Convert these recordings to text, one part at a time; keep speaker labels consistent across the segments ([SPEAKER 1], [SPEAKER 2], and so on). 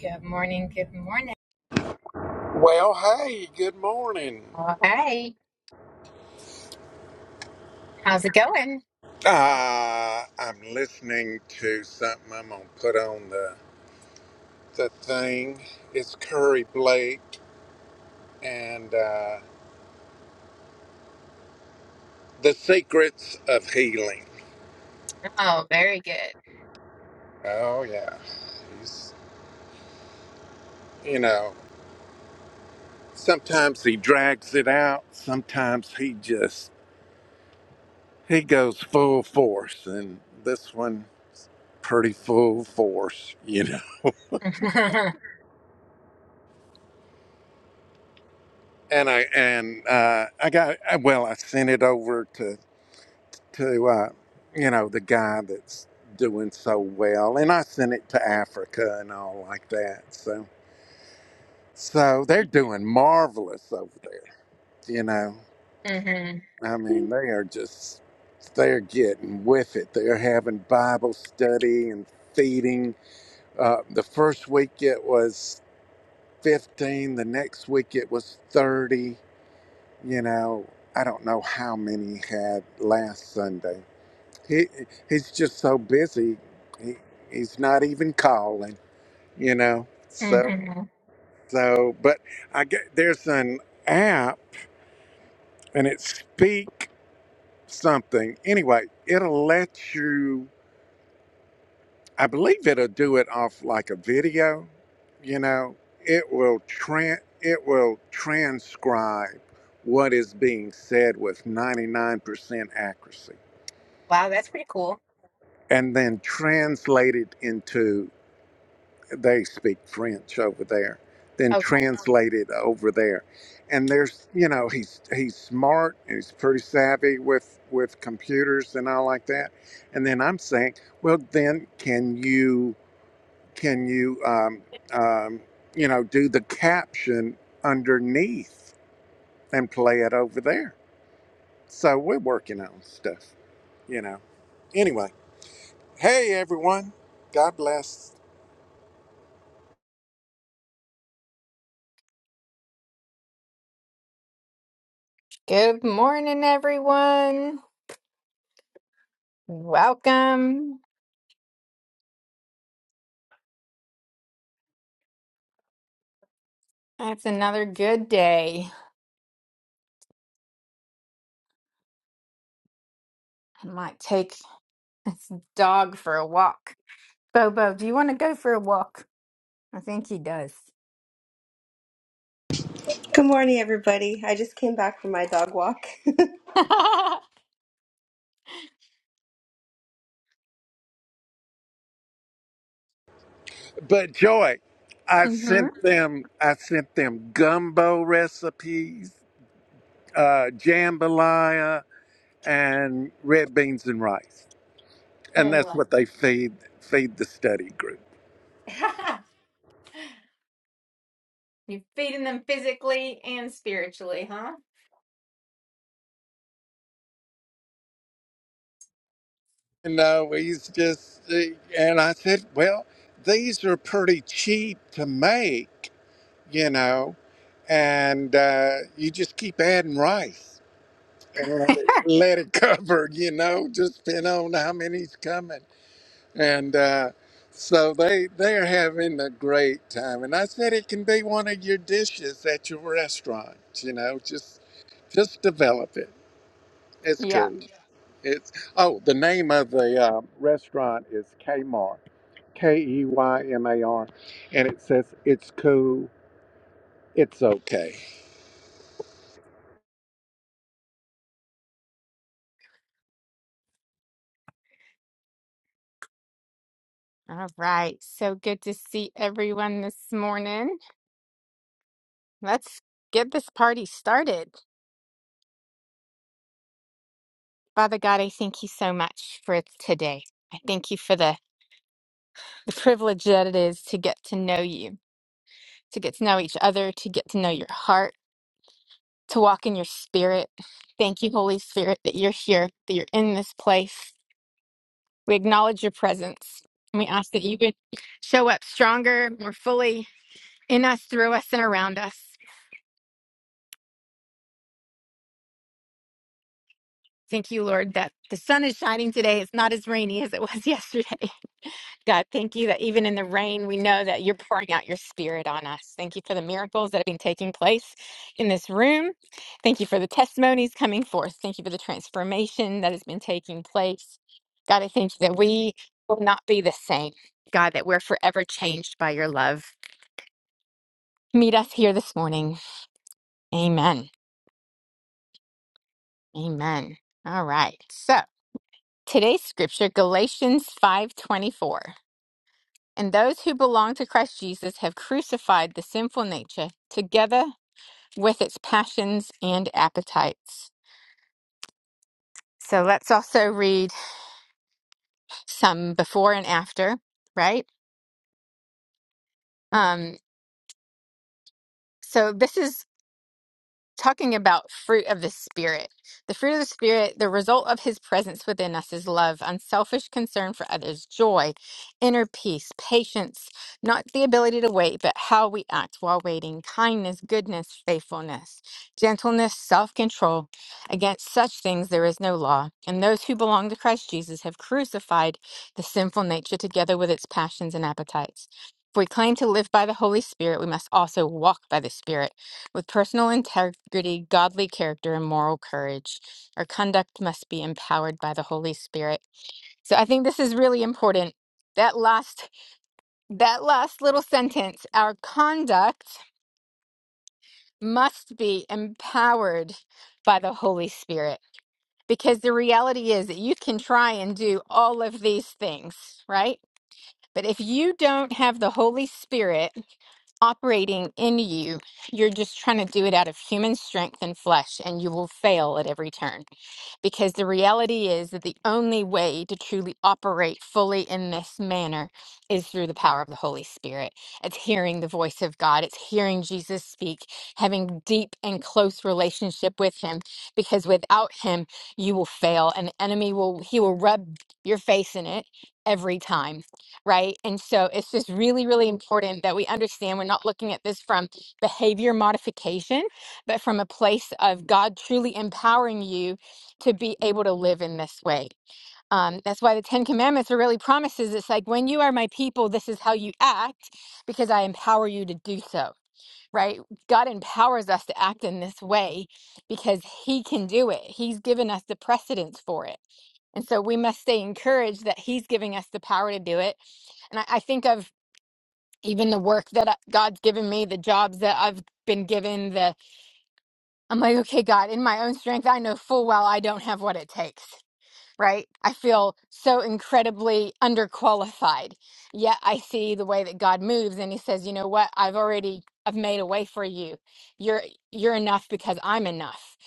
[SPEAKER 1] Good morning. Good morning.
[SPEAKER 2] Well, hey, good morning.
[SPEAKER 1] Oh, hey, how's it going?
[SPEAKER 2] Uh, I'm listening to something I'm going to put on the, the thing. It's Curry Blake and uh, The Secrets of Healing.
[SPEAKER 1] Oh, very good.
[SPEAKER 2] Oh, yeah. He's, you know, sometimes he drags it out, sometimes he just, he goes full force. And this one, pretty full force, you know. And I, and uh, I got, well, I sent it over to to uh, you know the guy that's doing so well and i sent it to africa and all like that so so they're doing marvelous over there you know
[SPEAKER 1] hmm
[SPEAKER 2] i mean they are just they're getting with it they're having bible study and feeding uh, the first week it was 15 the next week it was 30 you know i don't know how many had last sunday He he's just so busy. He he's not even calling, you know. So
[SPEAKER 1] hmm
[SPEAKER 2] so, but I get there's an app and it speak something. Anyway, it'll let you. I believe it'll do it off like a video. You know, it will tran it will transcribe what is being said with 99% accuracy
[SPEAKER 1] Wow, that's pretty cool.
[SPEAKER 2] and then translate it into they speak French over there, then
[SPEAKER 1] Okay.
[SPEAKER 2] translate it over there. And there's, you know, he's he's smart and he's pretty savvy with with computers and all like that. And then I'm saying, well, then can you can you um, um, you know do the caption underneath and play it over there? So we're working on stuff, you know. Anyway, hey everyone, God bless.
[SPEAKER 1] Good morning, everyone. Welcome. That's another good day. I might take this dog for a walk. Bobo, do you want to go for a walk? I think he does.
[SPEAKER 3] Good morning, everybody. I just came back from my dog walk.
[SPEAKER 1] mm
[SPEAKER 2] But Joy, I
[SPEAKER 1] hmm
[SPEAKER 2] sent them I sent them gumbo recipes, uh, jambalaya, and red beans and rice, and that's what they feed feed the study group.
[SPEAKER 1] You're feeding them physically and spiritually, huh?
[SPEAKER 2] And uh, he's just uh, and I said, well, these are pretty cheap to make, you know, and uh, you just keep adding rice and let it cover, you know, just depend on how many's coming. And uh, so they they are having a great time. And I said it can be one of your dishes at your restaurant. You know, just just develop it. It's
[SPEAKER 1] yeah.
[SPEAKER 2] cool. It's oh, the name of the um, restaurant is Kmart. K E Y M A R, and it says it's cool. It's okay.
[SPEAKER 1] All right, so good to see everyone this morning. Let's get this party started. Father God, I thank you so much for today. I thank you for the, the privilege that it is to get to know you, to get to know each other, to get to know your heart, to walk in your spirit. Thank you, Holy Spirit, that you're here, that you're in this place. We acknowledge your presence. And we ask that you would show up stronger, more fully in us, through us, and around us. Thank you, Lord, that the sun is shining today. It's not as rainy as it was yesterday. God, thank you that even in the rain, we know that you're pouring out your spirit on us. Thank you for the miracles that have been taking place in this room. Thank you for the testimonies coming forth. Thank you for the transformation that has been taking place. God, I thank you that we will not be the same. God, that we're forever changed by your love. Meet us here this morning. Amen. Amen. All right. So, Today's scripture, Galatians 5:24. And those who belong to Christ Jesus have crucified the sinful nature together with its passions and appetites. So let's also read some before and after, right? Um, so this is talking about fruit of the spirit. The fruit of the spirit, the result of his presence within us is love, unselfish concern for others, joy, inner peace, patience, not the ability to wait, but how we act while waiting, kindness, goodness, faithfulness, gentleness, self-control. Against such things there is no law. And those who belong to Christ Jesus have crucified the sinful nature together with its passions and appetites. If we claim to live by the Holy Spirit, we must also walk by the Spirit. With personal integrity, godly character, and moral courage, our conduct must be empowered by the Holy Spirit. So I think this is really important. That last that last little sentence, our conduct must be empowered by the Holy Spirit. Because the reality is that you can try and do all of these things, right? But if you don't have the Holy Spirit operating in you. You're just trying to do it out of human strength and flesh, and you will fail at every turn because the reality is that the only way to truly operate fully in this manner is through the power of the Holy Spirit. It's hearing the voice of God, it's hearing Jesus speak, having deep and close relationship with him because without him you will fail and the enemy will he will rub your face in it every time, right? And so it's just really really important that we understand we're not looking at this from behavior modification, but from a place of God truly empowering you to be able to live in this way. Um, that's why the Ten Commandments are really promises. It's like, when you are my people, this is how you act because I empower you to do so, right? God empowers us to act in this way because He can do it. He's given us the precedence for it. And so we must stay encouraged that He's giving us the power to do it. And I, I think of even the work that I- God's given me, the jobs that I've been given, the I'm like, okay, God, in my own strength, I know full well I don't have what it takes right? I feel so incredibly underqualified. Yet I see the way that God moves and he says, "You know what? I've already I've made a way for you. You're you're enough because I'm enough."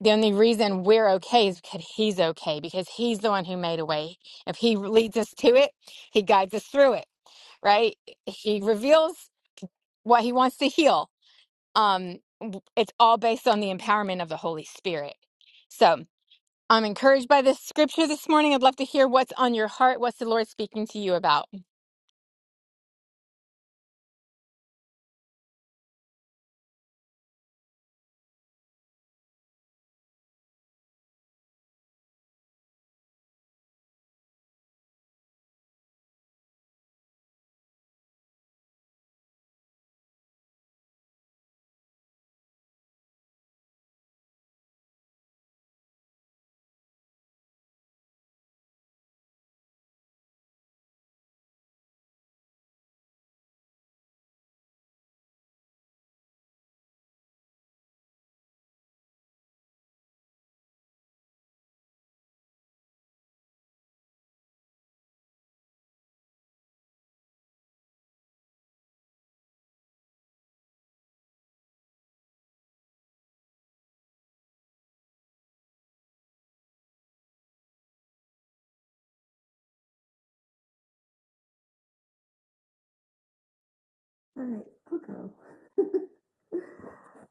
[SPEAKER 1] The only reason we're okay is because he's okay because he's the one who made a way. If he leads us to it, he guides us through it, right? He reveals what he wants to heal. Um w- it's all based on the empowerment of the Holy Spirit. So, I'm encouraged by this scripture this morning. I'd love to hear what's on your heart. What's the Lord speaking to you about?
[SPEAKER 3] Alright, okay.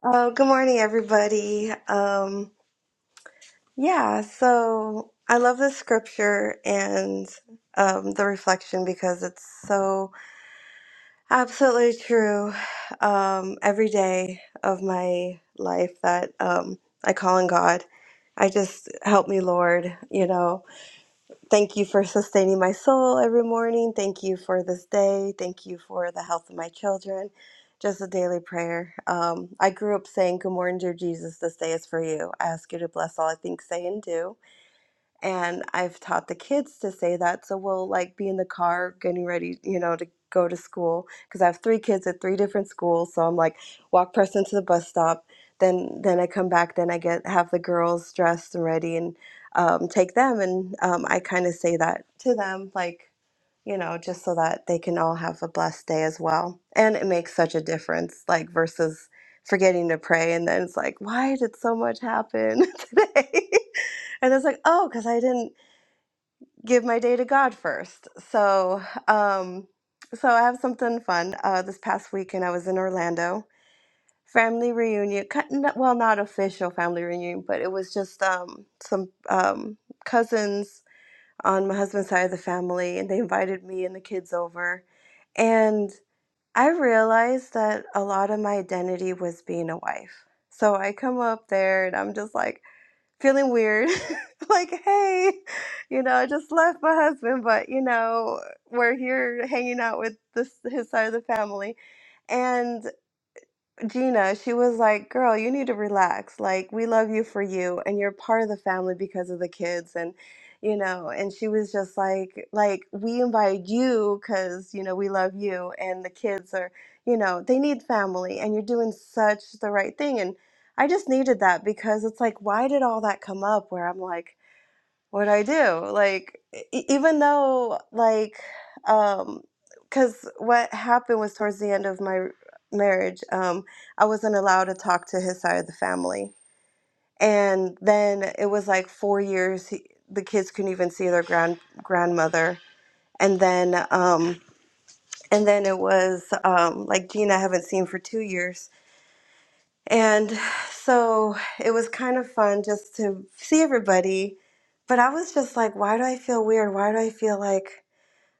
[SPEAKER 3] Oh, good morning, everybody. Um, yeah, so I love this scripture and um, the reflection because it's so absolutely true um, every day of my life that um, I call on God. I just help me, Lord, you know. Thank you for sustaining my soul every morning. Thank you for this day. Thank you for the health of my children. Just a daily prayer. Um, I grew up saying, Good morning, dear Jesus. This day is for you. I ask you to bless all I think, say, and do. And I've taught the kids to say that. So we'll like be in the car getting ready, you know, to go to school because I have three kids at three different schools. So I'm like walk person to the bus stop. Then then I come back. Then I get have the girls dressed and ready and um, take them. And um, I kind of say that to them like, you know, just so that they can all have a blessed day as well. And it makes such a difference, like versus forgetting to pray and then it's like, why did so much happen today? And it's like, oh, because I didn't give my day to God first. So, um, so I have something fun. Uh, this past weekend, I was in Orlando, family reunion. ki- n- Well, not official family reunion, but it was just um, some um, cousins on my husband's side of the family, and they invited me and the kids over. And I realized that a lot of my identity was being a wife. So I come up there and I'm just like, feeling weird. like, hey, you know, I just left my husband, but you know, we're here hanging out with this his side of the family. and. Gina, she was like, "Girl, you need to relax. Like, we love you for you, and you're part of the family because of the kids." And you know, and she was just like, "Like, we invited you because you know we love you, and the kids are, you know, they need family, and you're doing such the right thing." And I just needed that because it's like, why did all that come up? Where I'm like what I do. Like, e- even though, like, um, because what happened was towards the end of my marriage, um, I wasn't allowed to talk to his side of the family. And then it was like four years, he, the kids couldn't even see their grand grandmother. And then, um, and then it was um, like Gina, I haven't seen for two years and so it was kind of fun just to see everybody. But I was just like, why do I feel weird? Why do I feel like,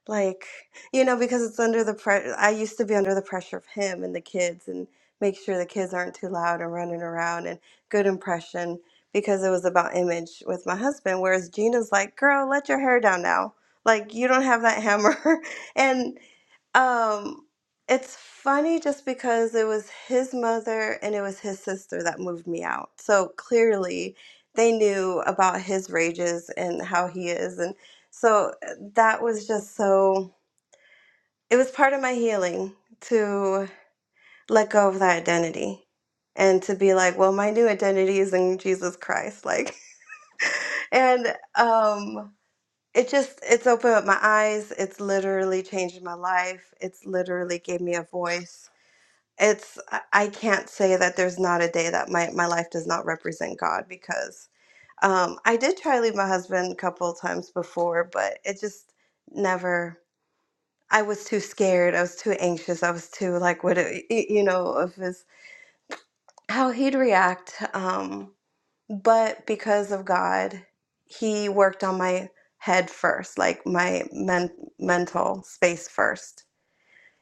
[SPEAKER 3] like, you know, because it's under the pressure. I used to be under the pressure of him and the kids and make sure the kids aren't too loud and running around and good impression because it was about image with my husband. Whereas Gina's like, girl, let your hair down now. Like, you don't have that hammer. and um, it's funny just because it was his mother and it was his sister that moved me out. So clearly they knew about his rages and how he is. And so eh, that was just so, it was part of my healing to let go of that identity and to be like, well, my new identity is in Jesus Christ. Like, and, um, it just it's opened up my eyes it's literally changed my life it's literally gave me a voice it's I I can't say that there's not a day that my my life does not represent God because um I did try to leave my husband a couple of times before, but it just never I was too scared. I was too anxious. I was too like what it, y- you know of his how he'd react um but because of God, he worked on my head first, like my men, mental space first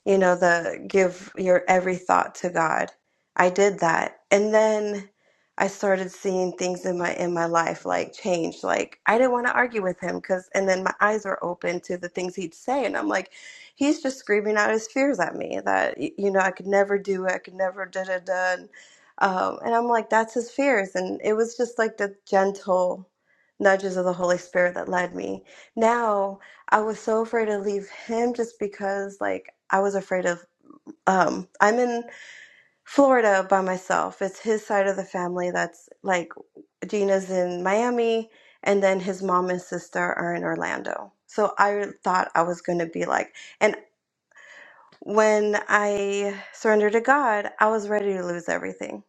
[SPEAKER 3] you know, the give your every thought to God. I did that. And then I started seeing things in my in my life like change. Like I didn't want to argue with him cuz and then my eyes were open to the things he'd say and I'm like he's just screaming out his fears at me that y- you know, I could never do it. I could never da da da. And, um, and I'm like that's his fears and it was just like the gentle nudges of the Holy Spirit that led me. Now I was so afraid to leave him just because like I was afraid of um I'm in Florida by myself. It's his side of the family that's like Gina's in Miami and then his mom and sister are in Orlando. So I thought I was going to be like and when I surrendered to God, I was ready to lose everything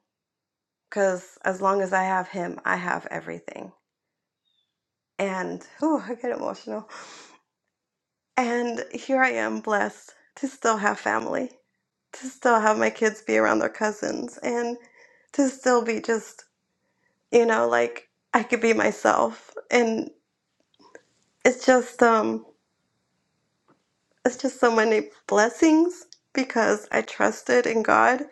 [SPEAKER 3] cuz as long as I have him, I have everything. And oh, I get emotional And here I am blessed to still have family, to still have my kids be around their cousins, and to still be just, you know, like I could be myself. And it's just um it's just so many blessings because I trusted in God,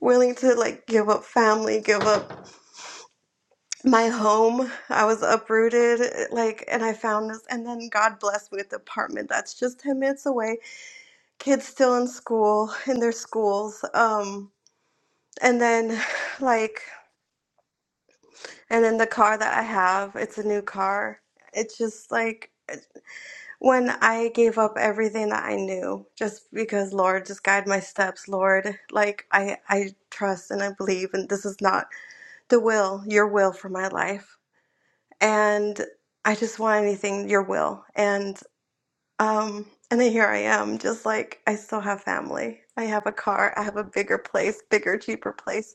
[SPEAKER 3] willing to like give up family, give up my home. I was uprooted, eh, like and I found this and then God blessed me with an apartment that's just ten minutes away. Kids still in school, in their schools. Um And then, like, and then the car that I have, it's a new car. It's just like when I gave up everything that I knew, just because Lord, just guide my steps, Lord. Like I, I trust and I believe, and this is not the will, your will for my life, and I just want anything your will, and um, and then here I am, just like I still have family. I have a car. I have a bigger place, bigger, cheaper place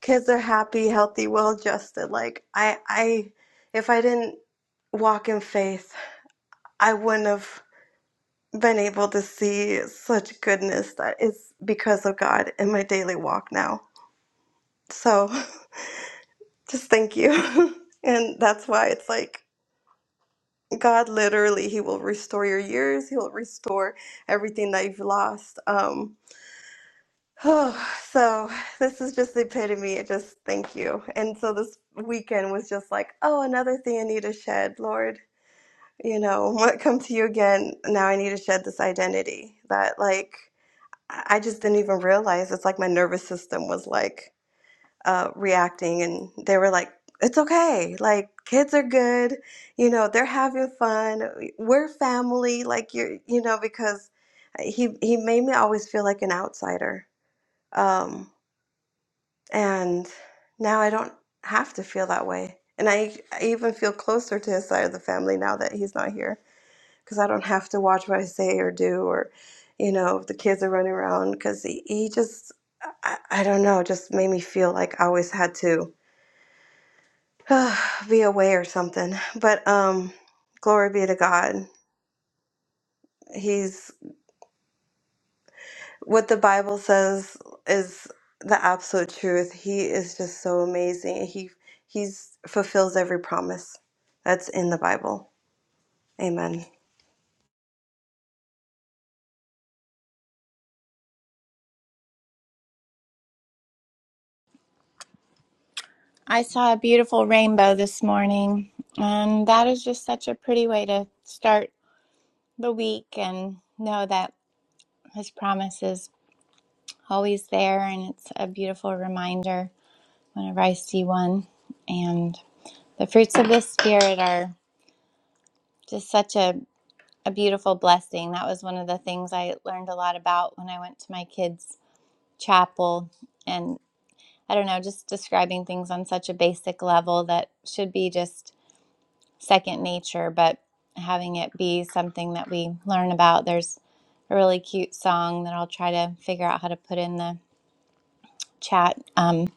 [SPEAKER 3] kids are happy, healthy, well adjusted. Like I I if I didn't walk in faith, I wouldn't have been able to see such goodness that is because of God in my daily walk now. So just thank you. and that's why it's like God literally he will restore your years, he will restore everything that you've lost. Um Oh, so this is just the epitome. of Just thank you. And so this weekend was just like, oh, another thing I need to shed, Lord. You know, what come to you again? Now I need to shed this identity that, like, I I just didn't even realize. It's like my nervous system was like uh, reacting, and they were like, it's okay. Like, kids are good. You know, they're having fun. We're family. Like, you're, you know, because he he made me always feel like an outsider. Um, and now I don't have to feel that way. And I, I even feel closer to his side of the family now that he's not here because I don't have to watch what I say or do or, you know, if the kids are running around because he, he just, I, I don't know, just made me feel like I always had to be away or something. But um, glory be to God. He's what the Bible says is the absolute truth. He is just so amazing. He he's fulfills every promise that's in the Bible. Amen.
[SPEAKER 4] I saw a beautiful rainbow this morning, and that is just such a pretty way to start the week and know that His promise is always there, and it's a beautiful reminder whenever I see one. And the fruits of the Spirit are just such a, a beautiful blessing. That was one of the things I learned a lot about when I went to my kids' chapel. And I don't know, just describing things on such a basic level that should be just second nature, but having it be something that we learn about. There's a really cute song that I'll try to figure out how to put in the chat um,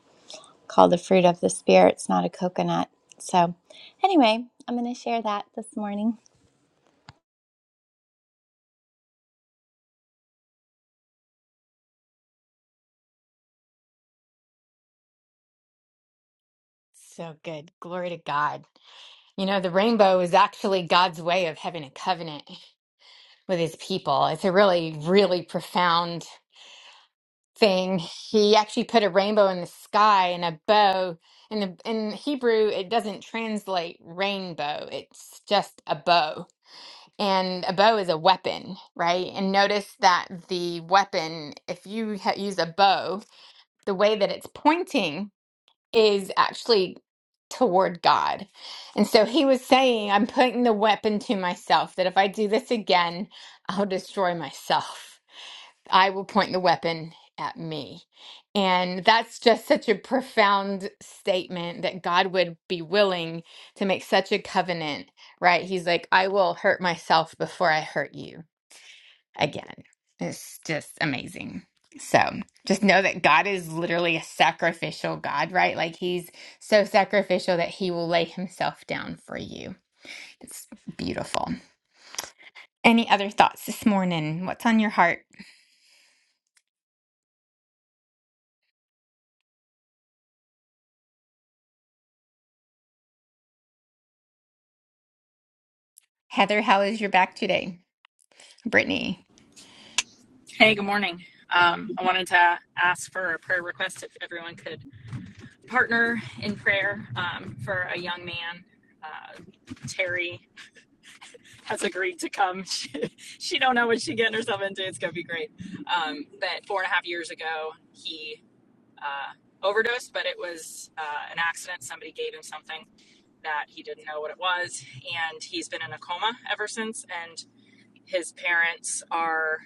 [SPEAKER 4] called The Fruit of the Spirit. It's not a coconut. So, anyway, I'm going to share that this morning.
[SPEAKER 1] So good. Glory to God. You know, the rainbow is actually God's way of having a covenant with his people. It's a really, really profound thing. He actually put a rainbow in the sky and a bow. In the in Hebrew, it doesn't translate rainbow. It's just a bow. And a bow is a weapon, right? And notice that the weapon, if you ha- use a bow, the way that it's pointing is actually toward God. And so he was saying, I'm putting the weapon to myself that if I do this again, I'll destroy myself. I will point the weapon at me. And that's just such a profound statement that God would be willing to make such a covenant, right? He's like, I will hurt myself before I hurt you again. It's just amazing. So just know that God is literally a sacrificial God, right? Like he's so sacrificial that he will lay himself down for you. It's beautiful. Any other thoughts this morning? What's on your heart? Heather, how is your back today? Brittany.
[SPEAKER 5] Hey, good morning. Um, I wanted to ask for a prayer request if everyone could partner in prayer um, for a young man. Uh, Terry has agreed to come. She, she don't know what she's getting herself into. It's gonna be great. Um, but four and a half years ago, he uh, overdosed, but it was uh, an accident. Somebody gave him something that he didn't know what it was, and he's been in a coma ever since. And his parents are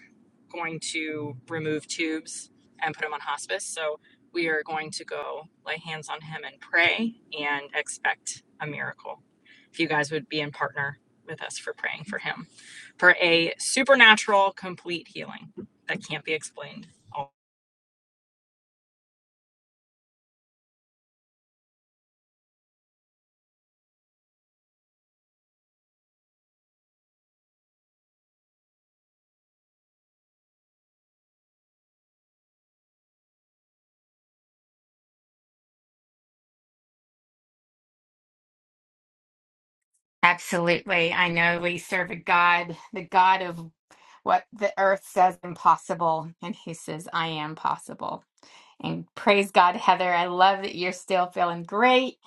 [SPEAKER 5] going to remove tubes and put him on hospice. So we are going to go lay hands on him and pray and expect a miracle. If you guys would be in partner with us for praying for him for a supernatural complete healing that can't be explained. Oh,
[SPEAKER 1] Absolutely. I know we serve a God, the God of what the earth says impossible, and he says, I am possible. And praise God, Heather. I love that you're still feeling great.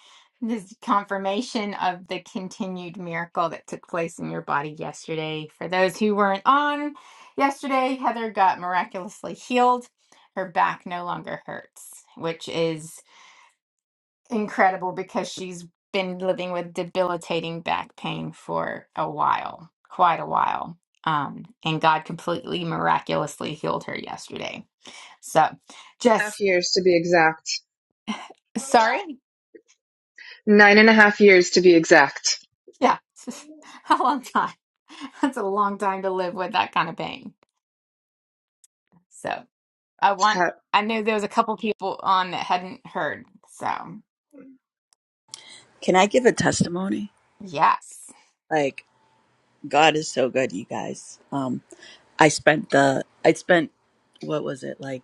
[SPEAKER 1] This is confirmation of the continued miracle that took place in your body yesterday. For those who weren't on yesterday, Heather got miraculously healed. Her back no longer hurts, which is incredible because she's been living with debilitating back pain for a while, quite a while. Um, and God completely miraculously healed her yesterday. So
[SPEAKER 6] half
[SPEAKER 1] just
[SPEAKER 6] years to be exact.
[SPEAKER 1] sorry.
[SPEAKER 6] Nine and a half years to be exact.
[SPEAKER 1] Yeah, a long time. That's a long time to live with that kind of pain. So I want, I knew there was a couple people on that hadn't heard. So
[SPEAKER 7] Can I give a testimony?
[SPEAKER 1] yes,
[SPEAKER 7] Like God is so good, you guys. Um, I spent the I spent what was it like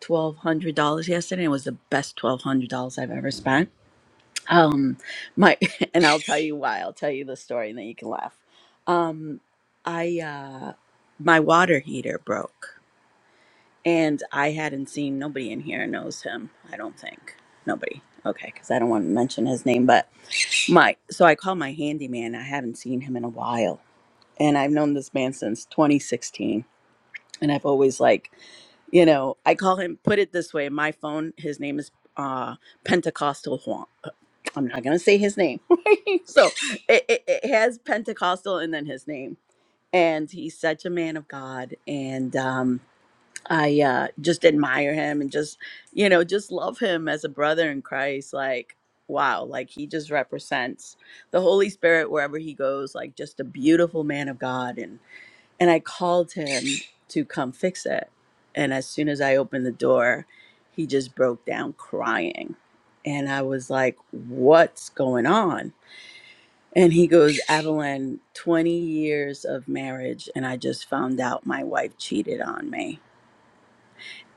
[SPEAKER 7] twelve hundred dollars yesterday. It was the best twelve hundred dollars I've ever spent. Um, my and I'll tell you why. I'll tell you the story and then you can laugh. Um, I uh, my water heater broke and I hadn't seen nobody in here knows him. I don't think nobody. Okay, because I don't want to mention his name, but my so I called my handyman. I haven't seen him in a while and I've known this man since 2016. And I've always like, you know, I call him. Put it this way, my phone. His name is uh, Pentecostal Juan. I'm not gonna say his name. so it, it, it has Pentecostal and then his name. And he's such a man of God, and um, I uh, just admire him and just you know just love him as a brother in Christ. Like wow, like he just represents the Holy Spirit wherever he goes. Like just a beautiful man of God, and I called him to come fix it. And as soon as I opened the door, he just broke down crying. And I was like, what's going on? And he goes, Evelyn, 20 years of marriage, and I just found out my wife cheated on me.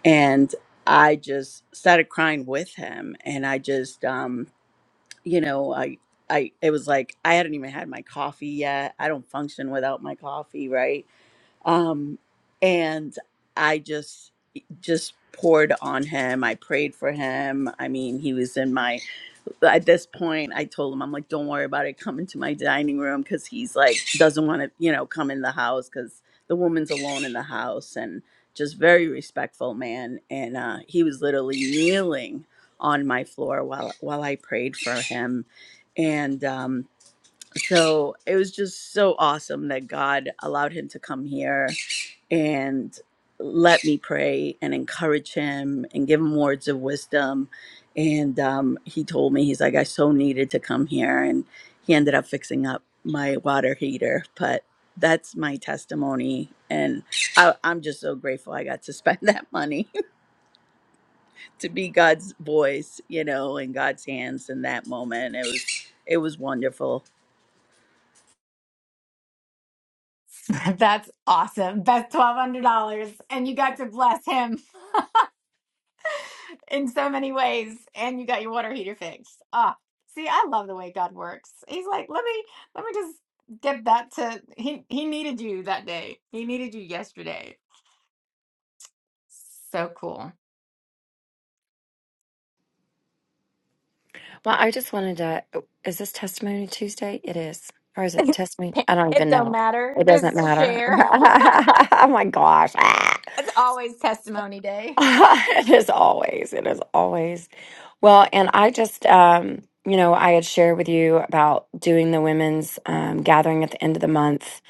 [SPEAKER 7] And I just started crying with him. And I just, um, you know, I, I, it was like I hadn't even had my coffee yet. I don't function without my coffee, right? um and i just just poured on him i prayed for him i mean he was in my at this point i told him i'm like don't worry about it come into my dining room because he's like doesn't want to you know come in the house because the woman's alone in the house and just very respectful man and uh he was literally kneeling on my floor while while i prayed for him and um so it was just so awesome that God allowed him to come here and let me pray and encourage him and give him words of wisdom. And um, he told me, he's like, I so needed to come here. And he ended up fixing up my water heater. But that's my testimony. And I, I'm just so grateful I got to spend that money to be God's voice, you know, in God's hands in that moment. It was, it was wonderful.
[SPEAKER 1] that's awesome. That's $1,200. And you got to bless him in so many ways. And you got your water heater fixed. Ah, see, I love the way God works. He's like, let me, let me just get that to, he, he needed you that day. He needed you yesterday. So cool.
[SPEAKER 8] Well, I just wanted to. oh, Is this Testimony Tuesday? It is. Or is it Testimony? I don't
[SPEAKER 1] It
[SPEAKER 8] even
[SPEAKER 1] don't
[SPEAKER 8] know.
[SPEAKER 1] matter.
[SPEAKER 8] It doesn't
[SPEAKER 1] Just
[SPEAKER 8] matter.
[SPEAKER 1] share.
[SPEAKER 8] oh my gosh. Ah.
[SPEAKER 1] It's always testimony day.
[SPEAKER 8] it is always. It is always. Well, and I just, um, you know, I had shared with you about doing the women's um, gathering at the end of the month.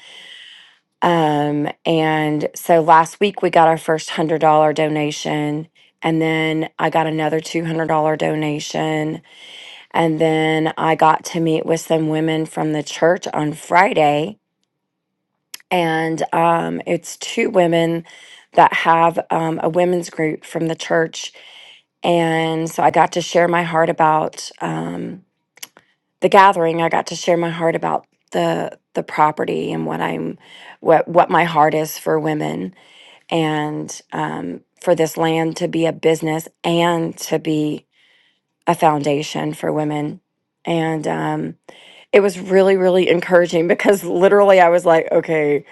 [SPEAKER 8] Um, and so last week we got our first $100 donation. And then I got another $200 donation And then I got to meet with some women from the church on Friday. And um, it's two women that have um, a women's group from the church. And so I got to share my heart about um, the gathering. I got to share my heart about the the property and what I'm what what my heart is for women and um, for this land to be a business and to be a foundation for women. And um, it was really really encouraging because literally i was like okay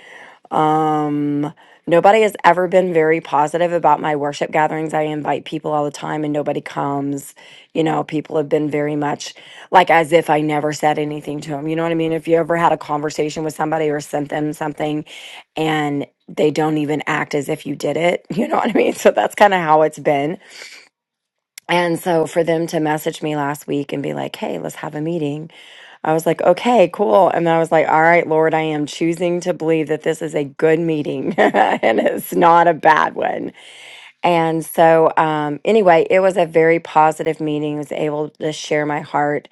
[SPEAKER 8] um nobody has ever been very positive about my worship gatherings i invite people all the time and nobody comes you know people have been very much like as if i never said anything to them you know what i mean if you ever had a conversation with somebody or sent them something and they don't even act as if you did it you know what i mean so that's kind of how it's been and so for them to message me last week and be like, hey, let's have a meeting, I was like, okay, cool. And I was like, all right, Lord, I am choosing to believe that this is a good meeting and it's not a bad one. And so, um, anyway, it was a very positive meeting. I was able to share my heart.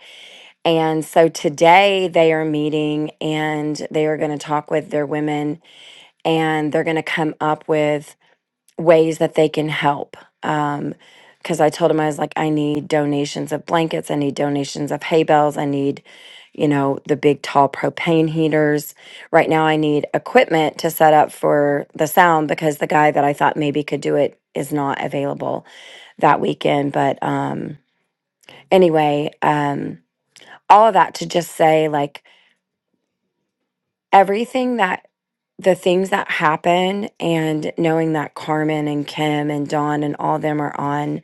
[SPEAKER 8] And so today they are meeting and they are going to talk with their women and they're going to come up with ways that they can help. Um, because I told him I was like, I need donations of blankets, I need donations of hay bales, I need, you know, the big tall propane heaters. Right now, I need equipment to set up for the sound because the guy that I thought maybe could do it is not available that weekend. But um, anyway, um, all of that to just say like everything that the things that happen and knowing that Carmen and Kim and Dawn and all them are on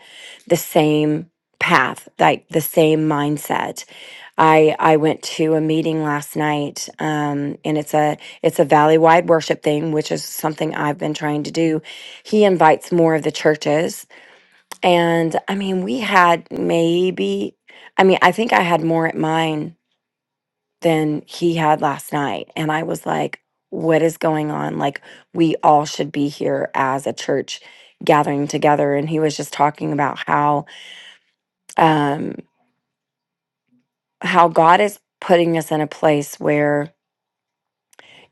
[SPEAKER 8] the same path, like the same mindset. I I went to a meeting last night, um, and it's a it's a valley wide worship thing, which is something I've been trying to do. He invites more of the churches. And I mean, we had maybe I mean, I think I had more at mine than he had last night. And I was like, what is going on? Like, we all should be here as a church gathering together. And he was just talking about how, um, how God is putting us in a place where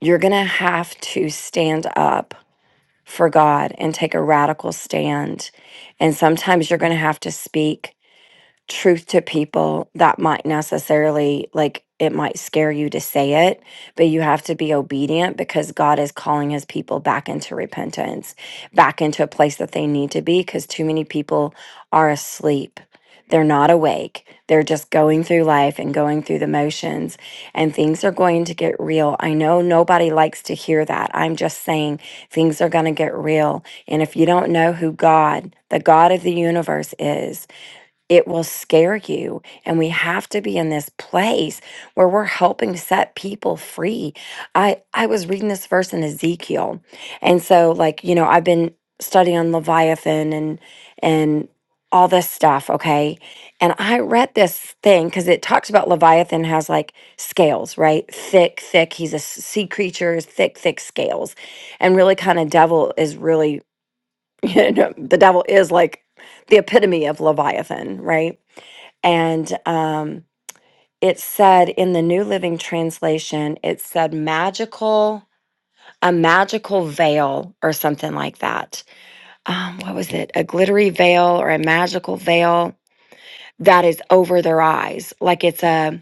[SPEAKER 8] you're going to have to stand up for God and take a radical stand. And sometimes you're going to have to speak truth to people that might necessarily like it might scare you to say it but you have to be obedient because god is calling his people back into repentance back into a place that they need to be because too many people are asleep they're not awake they're just going through life and going through the motions and things are going to get real i know nobody likes to hear that i'm just saying things are going to get real and if you don't know who god the god of the universe is it will scare you. And we have to be in this place where we're helping set people free. I, I was reading this verse in Ezekiel. And so, like, you know, I've been studying on Leviathan and, and, all this stuff, okay? And I read this thing because it talks about Leviathan has like scales, right? Thick, thick. He's a s- sea creature, thick, thick scales. And really, kind of devil is really, you know, the devil is like the epitome of Leviathan, right? And um, it said in the New Living Translation, it said magical, a magical veil or something like that. Um, what was it? A glittery veil or a magical veil that is over their eyes. Like it's a,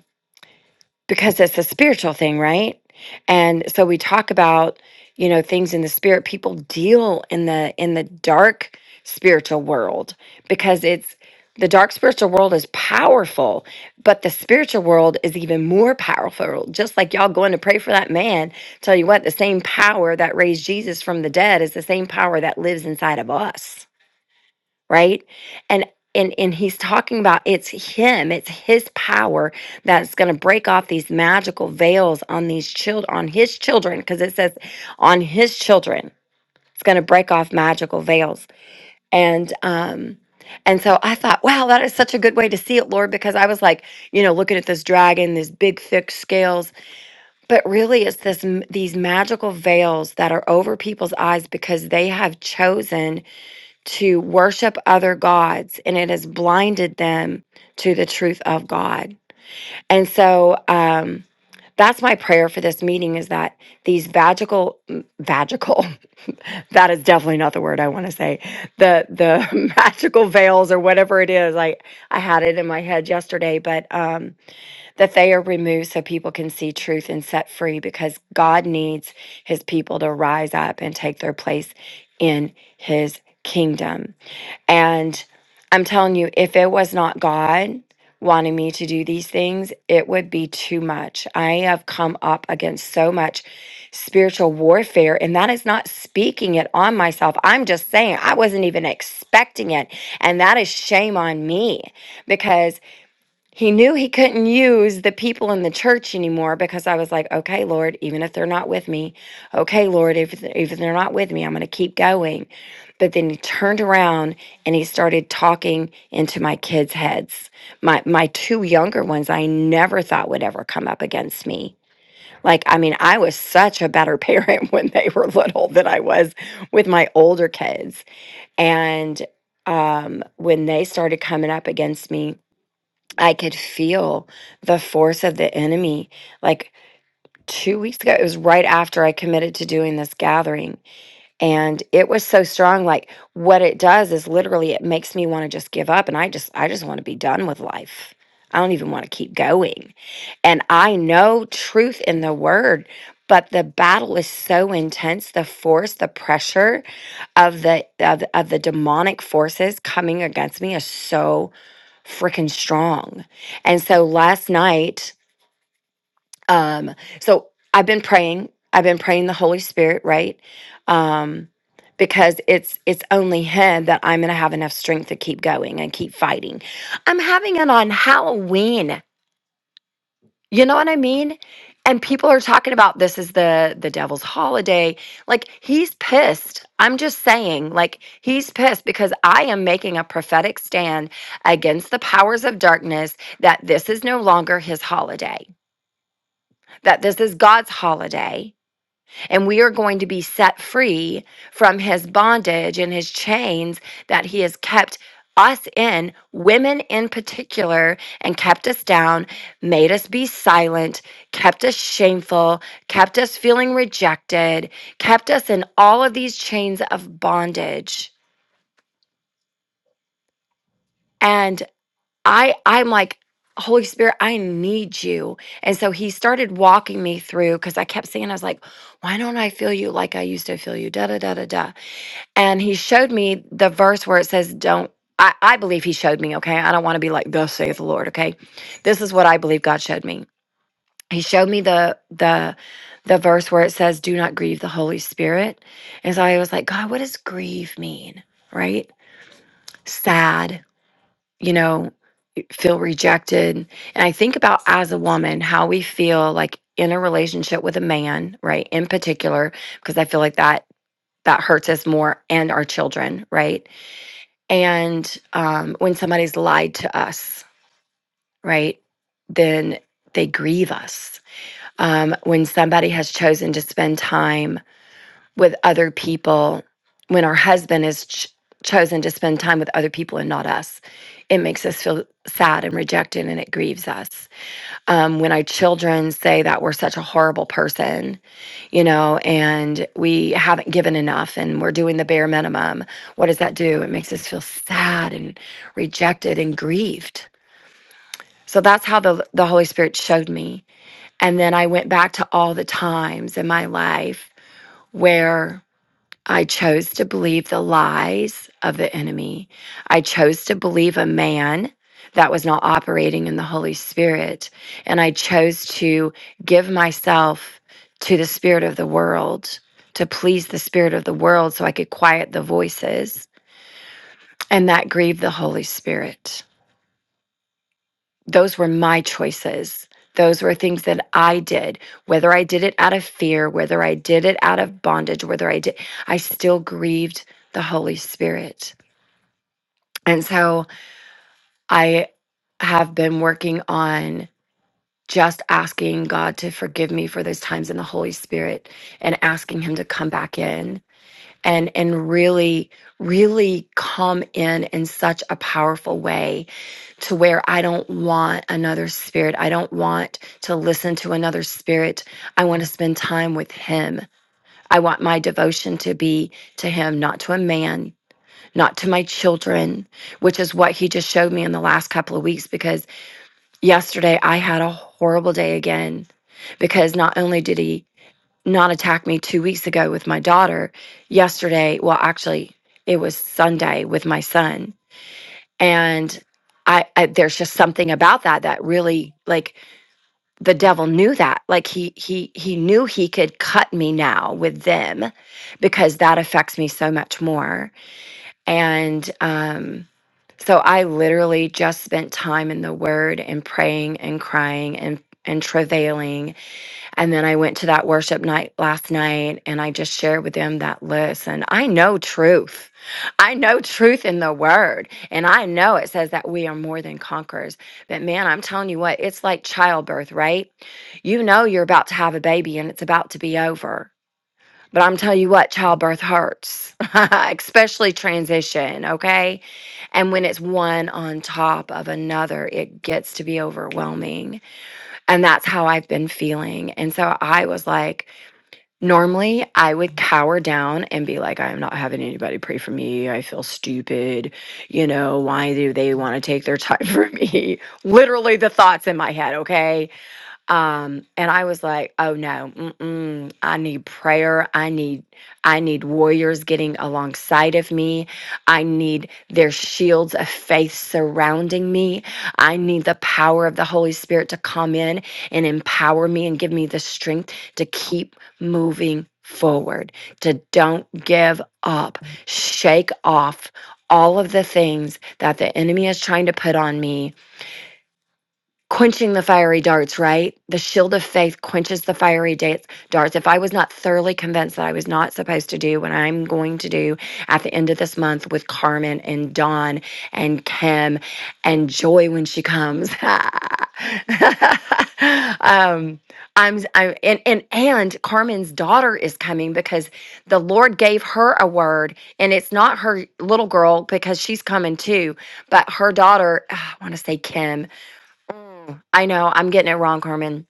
[SPEAKER 8] because it's a spiritual thing, right? And so we talk about, you know, things in the spirit. People deal in the in the dark spiritual world because it's the dark spiritual world is powerful, but the spiritual world is even more powerful. Just like y'all going to pray for that man, tell you what, the same power that raised Jesus from the dead is the same power that lives inside of us right and and and he's talking about it's him it's his power that's going to break off these magical veils on these children on his children because it says on his children it's going to break off magical veils and um and so I thought, wow, that is such a good way to see it, Lord, because I was like, you know, looking at this dragon, these big, thick scales, but really it's this m- these magical veils that are over people's eyes because they have chosen to worship other gods and it has blinded them to the truth of God. And so um that's my prayer for this meeting is that these vagical m- vagical that is definitely not the word I want to say the the magical veils or whatever it is I I had it in my head yesterday but um that they are removed so people can see truth and set free because God needs his people to rise up and take their place in his kingdom and I'm telling you, if it was not God wanting me to do these things, it would be too much. I have come up against so much spiritual warfare, and that is not speaking it on myself. I'm just saying I wasn't even expecting it. And that is shame on me because. He knew he couldn't use the people in the church anymore because I was like, okay, Lord, even if they're not with me, okay, Lord, if, if they're not with me, I'm going to keep going. But then he turned around and he started talking into my kids' heads. My, my two younger ones, I never thought would ever come up against me. Like, I mean, I was such a better parent when they were little than I was with my older kids. And um, when they started coming up against me, I could feel the force of the enemy. Like two weeks ago, it was right after I committed to doing this gathering. And it was so strong. Like what it does is literally it makes me want to just give up. And I just, I just want to be done with life. I don't even want to keep going. And I know truth in the word, but the battle is so intense the force, the pressure of the of, the- of the demonic forces coming against me is so freaking strong. And so last night, um, so I've been praying. I've been praying the Holy Spirit, right? Um, because it's it's only Him that I'm gonna have enough strength to keep going and keep fighting. I'm having it on Halloween. You know what I mean? And people are talking about this is the the devil's holiday. Like he's pissed. I'm just saying, like he's pissed because I am making a prophetic stand against the powers of darkness that this is no longer his holiday. That this is God's holiday and we are going to be set free from his bondage and his chains that he has kept us in, women in particular, and kept us down, made us be silent, kept us shameful, kept us feeling rejected, kept us in all of these chains of bondage. And I I'm like Holy Spirit, I need you. And so he started walking me through because I kept saying, I was like, why don't I feel you like I used to feel you? Da da da da da and he showed me the verse where it says don't I, I believe he showed me okay i don't want to be like thus saith the lord okay this is what i believe god showed me he showed me the the the verse where it says do not grieve the holy spirit and so i was like god what does grieve mean right sad you know feel rejected and i think about as a woman how we feel like in a relationship with a man right in particular because i feel like that that hurts us more and our children right And um, when somebody's lied to us, right, then they grieve us. Um, when somebody has chosen to spend time with other people, when our husband has ch- chosen to spend time with other people and not us, it makes us feel sad and rejected and it grieves us um, when our children say that we're such a horrible person, you know, and we haven't given enough and we're doing the bare minimum, what does that do? It makes us feel sad and rejected and grieved. So that's how the, the Holy Spirit showed me. And then I went back to all the times in my life where I chose to believe the lies of the enemy. I chose to believe a man that was not operating in the Holy Spirit. And I chose to give myself to the spirit of the world, to please the spirit of the world so I could quiet the voices. And that grieved the Holy Spirit those were my choices. Those were things that I did, whether I did it out of fear, whether I did it out of bondage, whether I did, I still grieved the Holy Spirit. And so I have been working on just asking God to forgive me for those times in the Holy Spirit and asking Him to come back in and, and really, really come in in such a powerful way to where I don't want another spirit. I don't want to listen to another spirit. I want to spend time with Him. I want my devotion to be to Him, not to a man, not to my children, which is what He just showed me in the last couple of weeks. Because yesterday I had a horrible day again, because not only did He not attack me two weeks ago with my daughter, yesterday, well, actually, it was Sunday with my son and I, I there's just something about that that really like the devil knew that like he he he knew he could cut me now with them because that affects me so much more and um so i literally just spent time in the word and praying and crying and and travailing and then I went to that worship night last night and I just shared with them that listen, I know truth. I know truth in the word. And I know it says that we are more than conquerors. But man, I'm telling you what, it's like childbirth, right? You know you're about to have a baby and it's about to be over. But I'm telling you what, childbirth hurts, especially transition, okay? And when it's one on top of another, it gets to be overwhelming. And that's how I've been feeling. And so I was like, normally I would cower down and be like, I'm not having anybody pray for me. I feel stupid. You know, why do they want to take their time from me? Literally the thoughts in my head, okay? um and i was like oh no mm-mm, i need prayer i need i need warriors getting alongside of me i need their shields of faith surrounding me i need the power of the holy spirit to come in and empower me and give me the strength to keep moving forward to don't give up shake off all of the things that the enemy is trying to put on me quenching the fiery darts, right? The shield of faith quenches the fiery da- darts. If I was not thoroughly convinced that I was not supposed to do what I'm going to do at the end of this month with Carmen and Dawn and Kim and Joy when she comes, um, I'm, I'm and, and and Carmen's daughter is coming because the Lord gave her a word, and it's not her little girl because she's coming too, but her daughter. ah, I want to say Kim Mm, I know I'm getting it wrong, Carmen.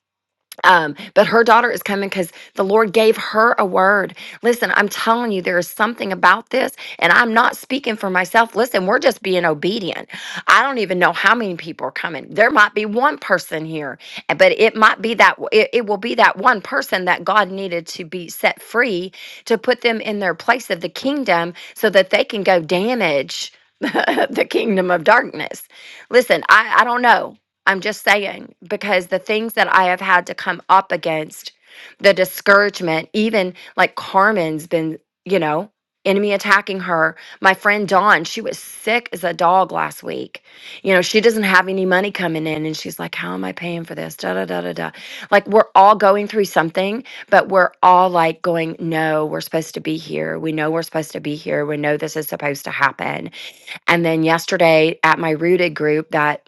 [SPEAKER 8] Um, but her daughter is coming because the Lord gave her a word. Listen, I'm telling you, there is something about this, and I'm not speaking for myself. Listen, we're just being obedient. I don't even know how many people are coming. There might be one person here, and- but it might be that it, it will be that one person that God needed to be set free to put them in their place of the kingdom so that they can go damage the kingdom of darkness. Listen, I, I don't know. I'm just saying, because the things that I have had to come up against, the discouragement, even like Carmen's been, you know, enemy attacking her. My friend Dawn, she was sick as a dog last week. You know, she doesn't have any money coming in and she's like, How am I paying for this? Da da da da da. Like we're all going through something, but we're all like going, No, we're supposed to be here. We know we're supposed to be here. We know this is supposed to happen. And then yesterday at my rooted group that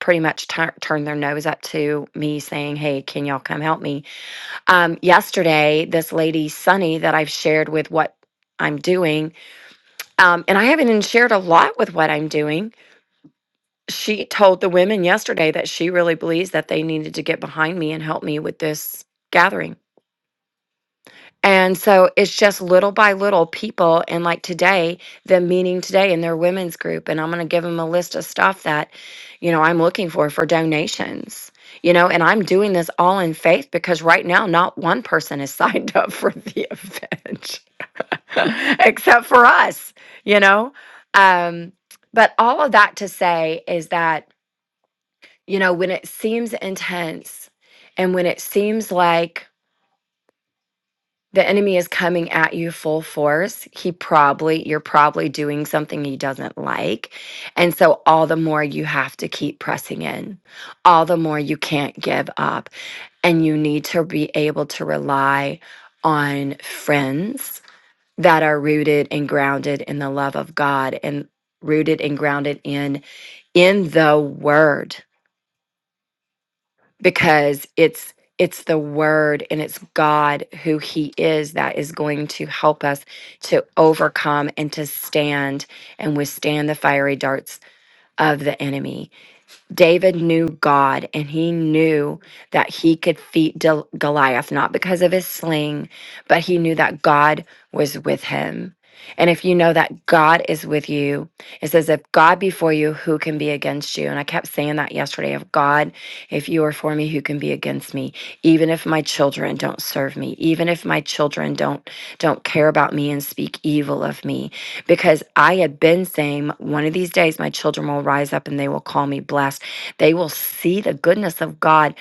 [SPEAKER 8] pretty much tur turned their nose up to me saying, Hey, can y'all come help me? Um, yesterday, this lady, Sunny, that I've shared with what I'm doing, um, and I haven't even shared a lot with what I'm doing. She told the women yesterday that she really believes that they needed to get behind me and help me with this gathering. And so it's just little by little people. And like today, the meeting today in their women's group, and I'm going to give them a list of stuff that, you know, I'm looking for for donations, you know, and I'm doing this all in faith because right now, not one person is signed up for the event except for us, you know. Um, but all of that to say is that, you know, when it seems intense and when it seems like, the enemy is coming at you full force he probably you're probably doing something he doesn't like and so all the more you have to keep pressing in all the more you can't give up and you need to be able to rely on friends that are rooted and grounded in the love of god and rooted and grounded in in the word because it's it's the word and it's God who he is that is going to help us to overcome and to stand and withstand the fiery darts of the enemy. David knew God and he knew that he could defeat Del- Goliath, not because of his sling, but he knew that God was with him. And if you know that God is with you, it says, if God be for you, who can be against you? And I kept saying that yesterday of God, if you are for me, who can be against me? Even if my children don't serve me, even if my children don't don't care about me and speak evil of me, because I had been saying, one of these days my children will rise up and they will call me blessed. They will see the goodness of God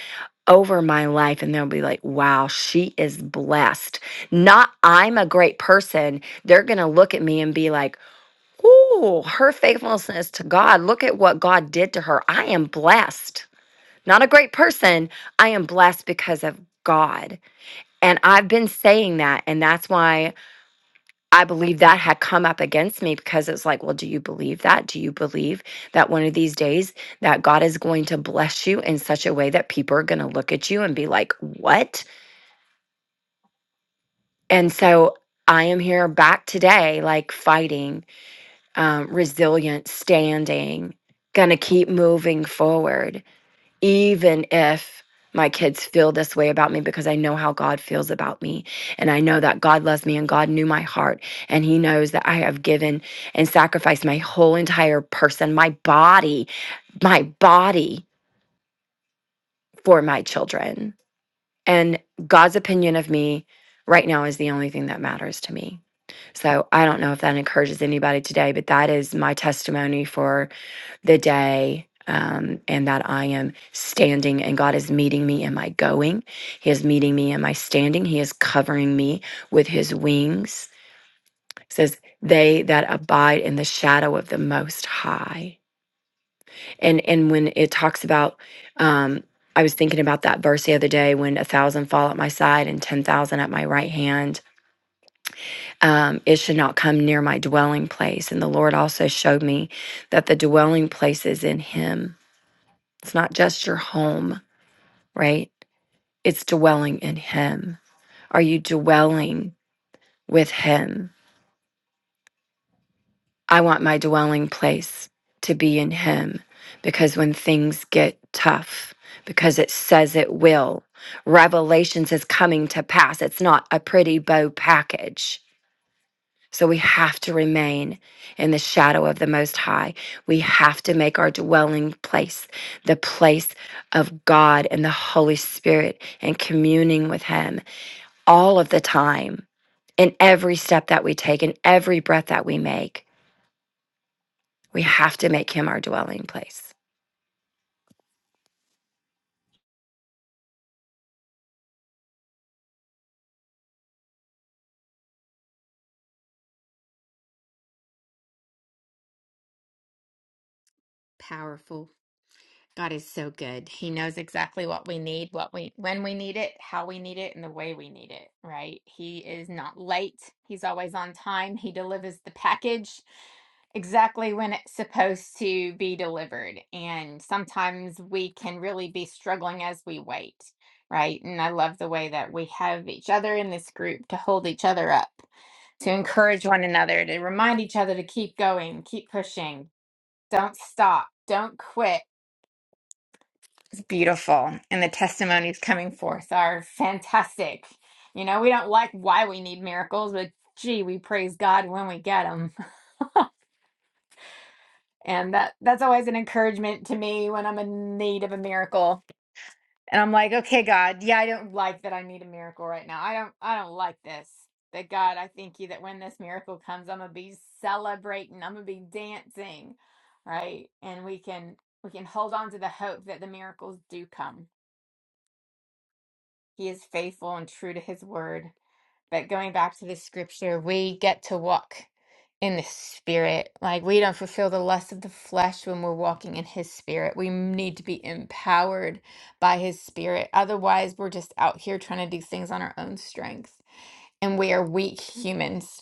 [SPEAKER 8] over my life and they'll be like, wow, she is blessed. Not I'm a great person. They're going to look at me and be like, ooh, her faithfulness to God. Look at what God did to her. I am blessed. Not a great person. I am blessed because of God. And I've been saying that. And that's why I believe that had come up against me because it's like, well, do you believe that? Do you believe that one of these days that God is going to bless you in such a way that people are going to look at you and be like, what? And so I am here back today, like fighting, um, resilient, standing, going to keep moving forward even if my kids feel this way about me because I know how God feels about me. And I know that God loves me and God knew my heart. And He knows that I have given and sacrificed my whole entire person, my body, my body for my children. And God's opinion of me right now is the only thing that matters to me. So I don't know if that encourages anybody today, but that is my testimony for the day um, and that I am standing and God is meeting me in my going. He is meeting me in my standing. He is covering me with his wings. It says, they that abide in the shadow of the most high. And and when it talks about um I was thinking about that verse the other day when a thousand fall at my side and ten thousand at my right hand. Um, it should not come near my dwelling place. And the Lord also showed me that the dwelling place is in Him It's not just your home, right? It's dwelling in Him. Are you dwelling with Him? I want my dwelling place to be in Him because when things get tough, because it says it will, Revelations is coming to pass. It's not a pretty bow package. So we have to remain in the shadow of the Most High. We have to make our dwelling place the place of God and the Holy Spirit and communing with Him all of the time, in every step that we take, in every breath that we make. We have to make Him our dwelling place.
[SPEAKER 1] Powerful. God is so good. He knows exactly what we need, what we when we need it, how we need it, and the way we need it, right? He is not late. He's always on time. He delivers the package exactly when it's supposed to be delivered. And sometimes we can really be struggling as we wait, right? And I love the way that we have each other in this group to hold each other up to encourage one another, to remind each other to keep going, keep pushing, don't stop, don't quit. It's beautiful. And the testimonies coming forth are fantastic. You know, we don't like why we need miracles, but gee, we praise God when we get them. And that that's always an encouragement to me when I'm in need of a miracle And I'm like, okay, God, yeah, I don't like that I need a miracle right now. I don't I don't like this. But God, I thank you that when this miracle comes, I'm gonna be celebrating, I'm gonna be dancing, right? And we can we can hold on to the hope that the miracles do come. He is faithful and true to his word. But going back to the scripture, we get to walk in the spirit. Like we don't fulfill the lust of the flesh when we're walking in his spirit. We need to be empowered by his spirit. Otherwise, we're just out here trying to do things on our own strength. And we are weak humans.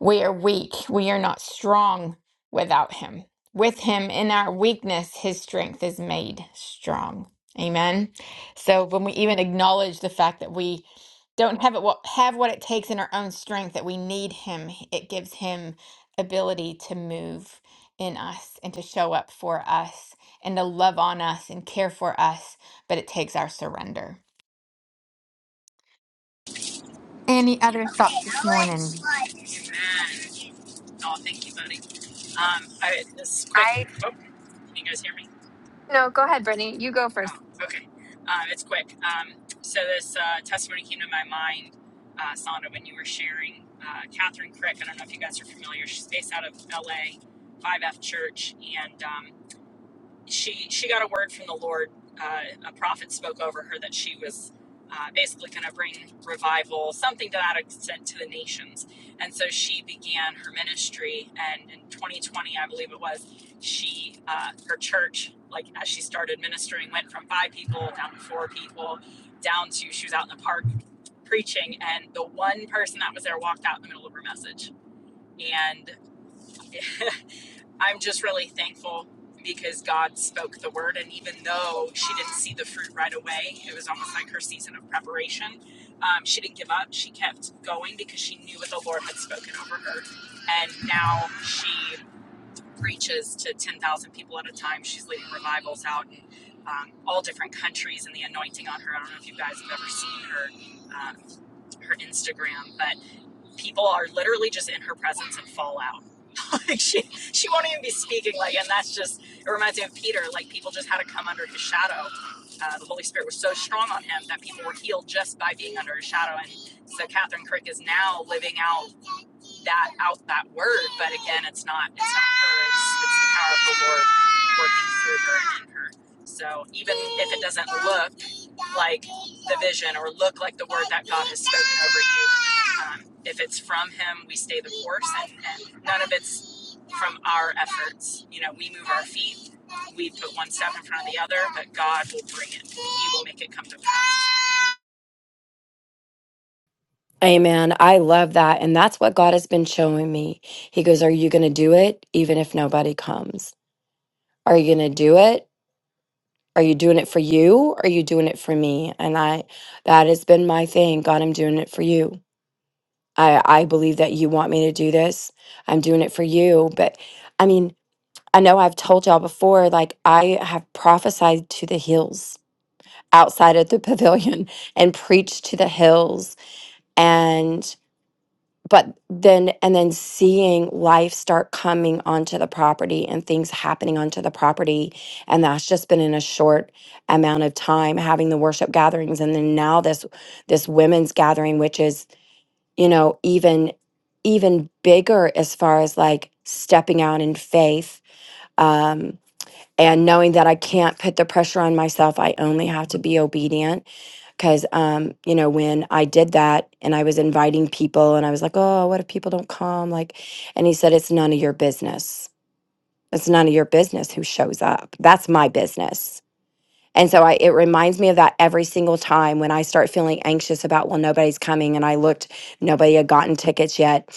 [SPEAKER 1] We are weak. We are not strong without him. With him in our weakness, his strength is made strong. Amen. So when we even acknowledge the fact that we don't have it what have what it takes in our own strength that we need him, it gives him ability to move in us and to show up for us and to love on us and care for us, but it takes our surrender. Any other thoughts this morning?
[SPEAKER 5] amen. Oh, thank you, buddy. Um, I, this quick.
[SPEAKER 9] I
[SPEAKER 5] Oh, can you guys hear me?
[SPEAKER 9] no, go ahead, Brittany. You go first.
[SPEAKER 5] Oh, okay. Um, it's quick. Um, so this uh, testimony came to my mind, uh, Sonda, when you were sharing uh, Catherine Crick. I don't know if you guys are familiar. She's based out of LA, 5F Church, and um, she she got a word from the Lord. Uh, a prophet spoke over her that she was uh, basically going to bring revival, something to that extent, to the nations. And so she began her ministry. And in 2020, I believe it was, she uh, her church, like as she started ministering, went from five people down to four people, down to she was out in the park preaching, and the one person that was there walked out in the middle of her message and. I'm just really thankful because God spoke the word. And even though she didn't see the fruit right away, it was almost like her season of preparation. Um, she didn't give up. She kept going because she knew what the Lord had spoken over her. And now she preaches to 10,000 people at a time. She's leading revivals out in um, all different countries and the anointing on her. I don't know if you guys have ever seen her. Um, her Instagram, but people are literally just in her presence and fall out like she she won't even be speaking. Like, and that's just it reminds me of Peter. Like people just had to come under his shadow. Uh, the Holy Spirit was so strong on him that people were healed just by being under his shadow. And so Catherine Crick is now living out that out that word. But again, it's not it's not her. It's, it's the power of the Lord working through her and in her. So even if it doesn't look like the vision or look like the word that God has spoken over you, um, if it's from Him, we stay the course, and, and none of it's from our efforts. You know, we move our feet. We put one step in front of the other, but God will bring it. He will make it come to pass.
[SPEAKER 8] Amen. I love that. And that's what God has been showing me. He goes, Are you going to do it even if nobody comes? Are you going to do it Are you doing it for you? Are you doing it for me? And I, that has been my thing. God, I'm doing it for you. I, I believe that you want me to do this. I'm doing it for you. But I mean, I know I've told y'all before, like I have prophesied to the hills outside of the pavilion and preached to the hills but then and then seeing life start coming onto the property and things happening onto the property and that's just been in a short amount of time having the worship gatherings and then now this this women's gathering which is you know even even bigger as far as like stepping out in faith um and knowing that I can't put the pressure on myself I only have to be obedient because, um, you know, when I did that and I was inviting people and I was like, oh, what if people don't come? Like, and he said, it's none of your business. It's none of your business who shows up. That's my business and so I, it reminds me of that every single time when I start feeling anxious about, well, nobody's coming. And I looked, nobody had gotten tickets yet.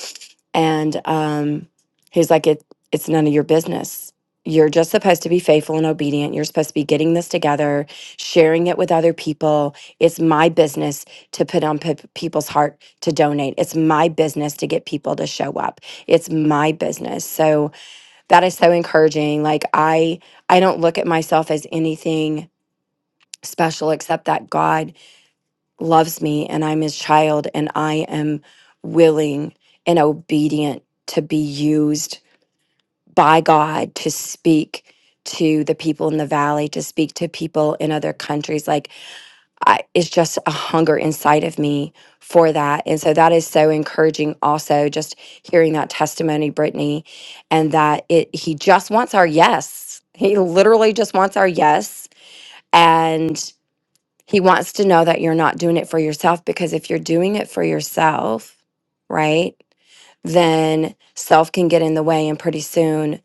[SPEAKER 8] And um, he's like, it, it's none of your business. You're just supposed to be faithful and obedient. You're supposed to be getting this together, sharing it with other people. It's my business to put on pe- people's heart to donate. It's my business to get people to show up. It's my business. So that is so encouraging. Like I, I don't look at myself as anything special except that God loves me and I'm his child and I am willing and obedient to be used by God to speak to the people in the valley to speak to people in other countries like I, it's just a hunger inside of me for that and so that is so encouraging also just hearing that testimony Brittany and that it he just wants our yes he literally just wants our yes and. He wants to know that you're not doing it for yourself because if you're doing it for yourself, right, then self can get in the way. And pretty soon,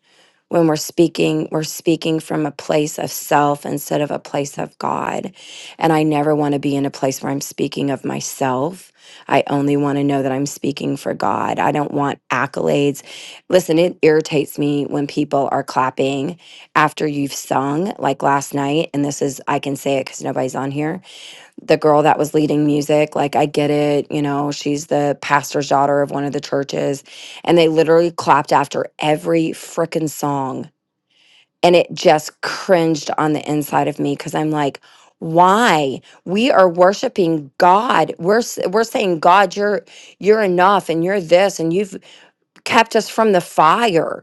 [SPEAKER 8] when we're speaking, we're speaking from a place of self instead of a place of God. And I never want to be in a place where I'm speaking of myself. I only want to know that I'm speaking for God. I don't want accolades. Listen, it irritates me when people are clapping after you've sung, like last night. And this is, I can say it because nobody's on here the girl that was leading music like i get it you know she's the pastor's daughter of one of the churches and they literally clapped after every freaking song and it just cringed on the inside of me because i'm like why we are worshiping god we're s- we're saying god you're you're enough and you're this and you've kept us from the fire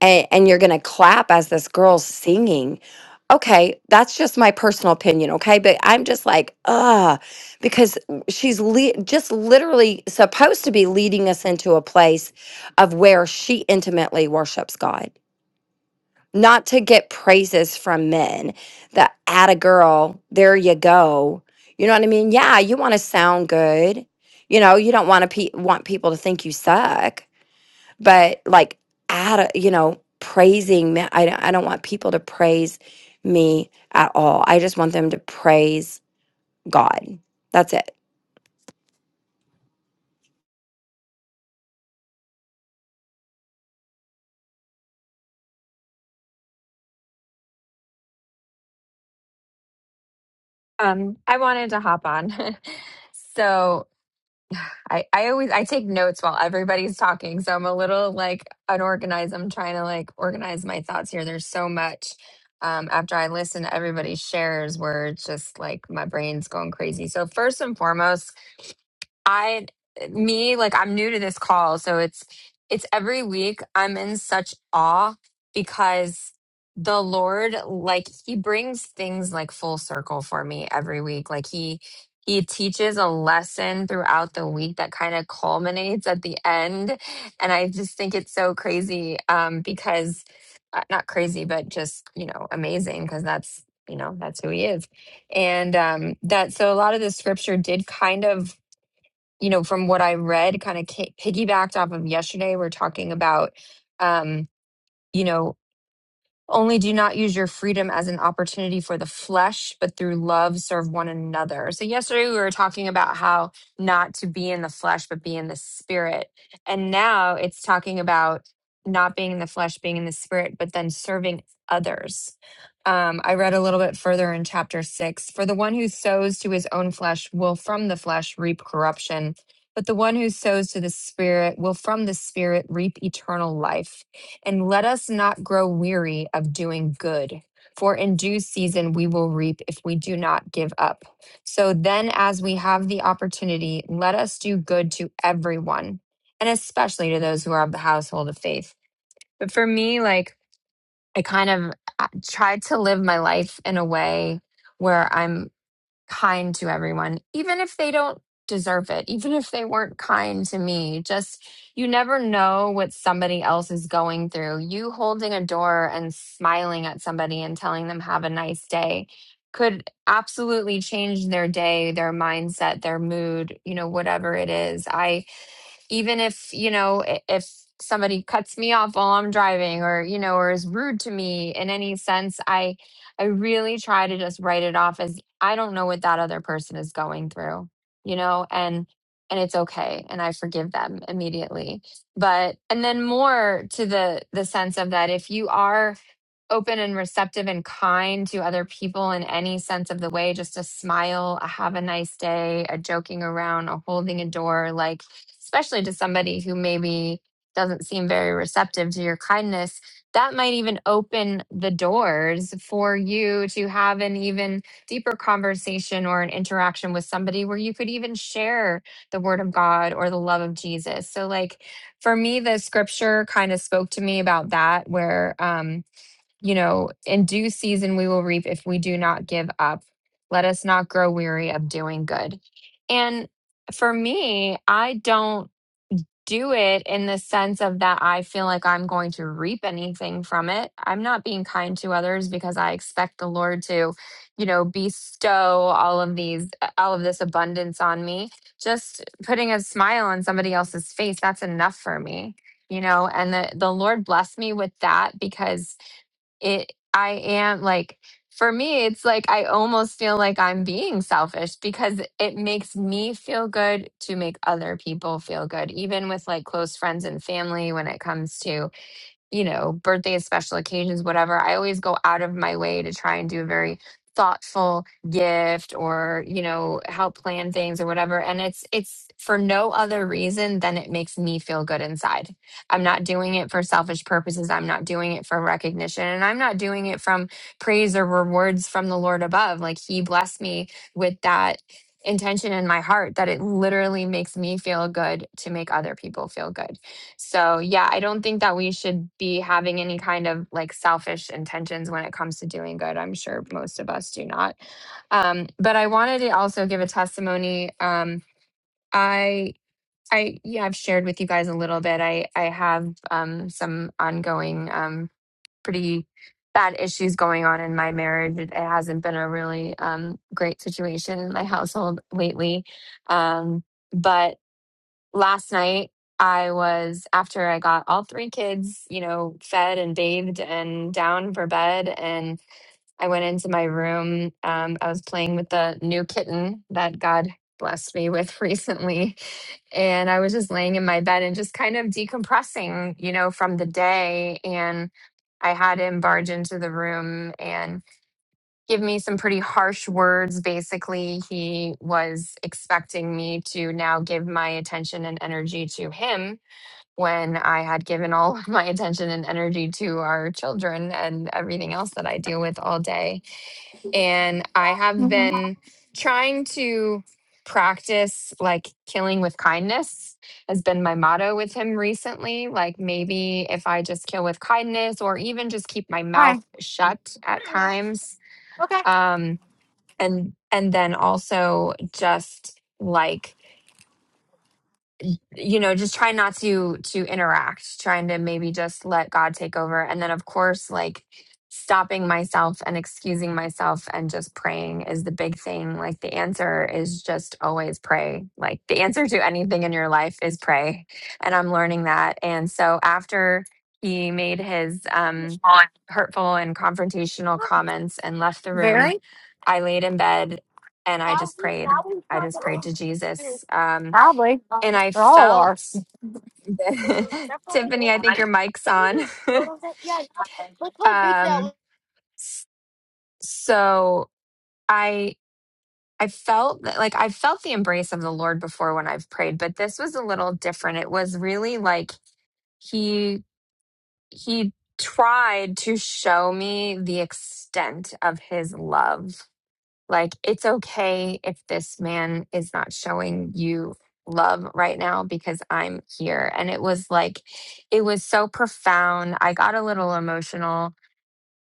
[SPEAKER 8] and, and you're going to clap as this girl's singing. Okay, that's just my personal opinion, okay? But I'm just like, ah, because she's le- just literally supposed to be leading us into a place of where she intimately worships God, not to get praises from men. That at a girl, there you go. You know what I mean? Yeah, you want to sound good. You know, you don't want to pe- want people to think you suck but like out of you know praising me I, don't- I don't want people to praise me at all i just want them to praise god that's it
[SPEAKER 9] Um, I wanted to hop on. so I, I always I take notes while everybody's talking. So I'm a little like unorganized. I'm trying to like organize my thoughts here. There's so much. Um, after I listen to everybody's shares where it's just like my brain's going crazy. So first and foremost, I me like I'm new to this call, so it's it's every week I'm in such awe because the Lord like he brings things like full circle for me every week. Like he he teaches a lesson throughout the week that kind of culminates at the end and I just think it's so crazy um because uh, not crazy but just, you know, amazing because that's you know that's who he is and um that so a lot of the scripture did kind of you know, from what I read, kind of piggybacked off of yesterday, we're talking about, um, you know, only do not use your freedom as an opportunity for the flesh, but through love serve one another. So, yesterday we were talking about how not to be in the flesh, but be in the spirit. And now it's talking about not being in the flesh, being in the spirit, but then serving others. Um, I read a little bit further in chapter six For the one who sows to his own flesh will from the flesh reap corruption, but the one who sows to the spirit will from the spirit reap eternal life. And let us not grow weary of doing good, for in due season we will reap if we do not give up. So then, as we have the opportunity, let us do good to everyone, and especially to those who are of the household of faith. But for me, like, I kind of uh, tried to live my life in a way where I'm kind to everyone, even if they don't deserve it, even if they weren't kind to me. Just you never know what somebody else is going through. You holding a door and smiling at somebody and telling them, have a nice day, could absolutely change their day, their mindset, their mood, you know, whatever it is. I, even if, you know, i- if, somebody cuts me off while I'm driving or you know or is rude to me in any sense I I really try to just write it off as I don't know what that other person is going through, you know, and and it's okay and I forgive them immediately. But and then more to the the sense of that if you are open and receptive and kind to other people in any sense of the way, just a smile, a have a nice day, a joking around, a holding a door, like especially to somebody who maybe doesn't seem very receptive to your kindness, that might even open the doors for you to have an even deeper conversation or an interaction with somebody where you could even share the word of God or the love of Jesus. So like for me the scripture kind of spoke to me about that where um you know in due season we will reap if we do not give up. Let us not grow weary of doing good. And for me, I don't do it in the sense of that I feel like I'm going to reap anything from it. I'm not being kind to others because I expect the Lord to, you know, bestow all of these, all of this abundance on me. Just putting a smile on somebody else's face, that's enough for me, you know, and the, the Lord blessed me with that because it i am like for me it's like i almost feel like i'm being selfish because it makes me feel good to make other people feel good even with like close friends and family when it comes to you know, birthdays, special occasions, whatever, I always go out of my way to try and do a very thoughtful gift or, you know, help plan things or whatever. And it's it's for no other reason than it makes me feel good inside. I'm not doing it for selfish purposes. I'm not doing it for recognition. And I'm not doing it from praise or rewards from the Lord above. Like he blessed me with that intention in my heart that it literally makes me feel good to make other people feel good. So, yeah, I don't think that we should be having any kind of like selfish intentions when it comes to doing good. I'm sure most of us do not. Um, but I wanted to also give a testimony. Um, I, I, yeah, I've shared with you guys a little bit. I, I have um, some ongoing, um, pretty bad issues going on in my marriage. It, it hasn't been a really um, great situation in my household lately. Um, but last night I was after I got all three kids, you know, fed and bathed and down for bed and I went into my room. Um, I was playing with the new kitten that God blessed me with recently. And I was just laying in my bed and just kind of decompressing, you know, from the day. And I had him barge into the room and give me some pretty harsh words. Basically, he was expecting me to now give my attention and energy to him when I had given all of my attention and energy to our children and everything else that I deal with all day. And I have
[SPEAKER 10] hmm
[SPEAKER 9] been trying to practice like killing with kindness has been my motto with him recently like maybe if i just kill with kindness or even just keep my mouth
[SPEAKER 10] Hi.
[SPEAKER 9] shut at times
[SPEAKER 10] Okay.
[SPEAKER 9] um and and then also just like you know just try not to to interact trying to maybe just let god take over and then of course like stopping myself and excusing myself and just praying is the big thing like the answer is just always pray like the answer to anything in your life is pray and i'm learning that and so after he made his um hurtful and confrontational comments and left the room
[SPEAKER 10] Very?
[SPEAKER 9] i laid in bed and i just prayed i just prayed to jesus Um
[SPEAKER 10] Probably.
[SPEAKER 9] and I
[SPEAKER 10] They all are.
[SPEAKER 9] felt that Tiffany, I think your mic's on. um, s- so I I felt that like I felt the embrace of the Lord before when I've prayed, but this was a little different. It was really like he he tried to show me the extent of his love Like, it's okay if this man is not showing you love right now because I'm here. And it was like, it was so profound. I got a little emotional.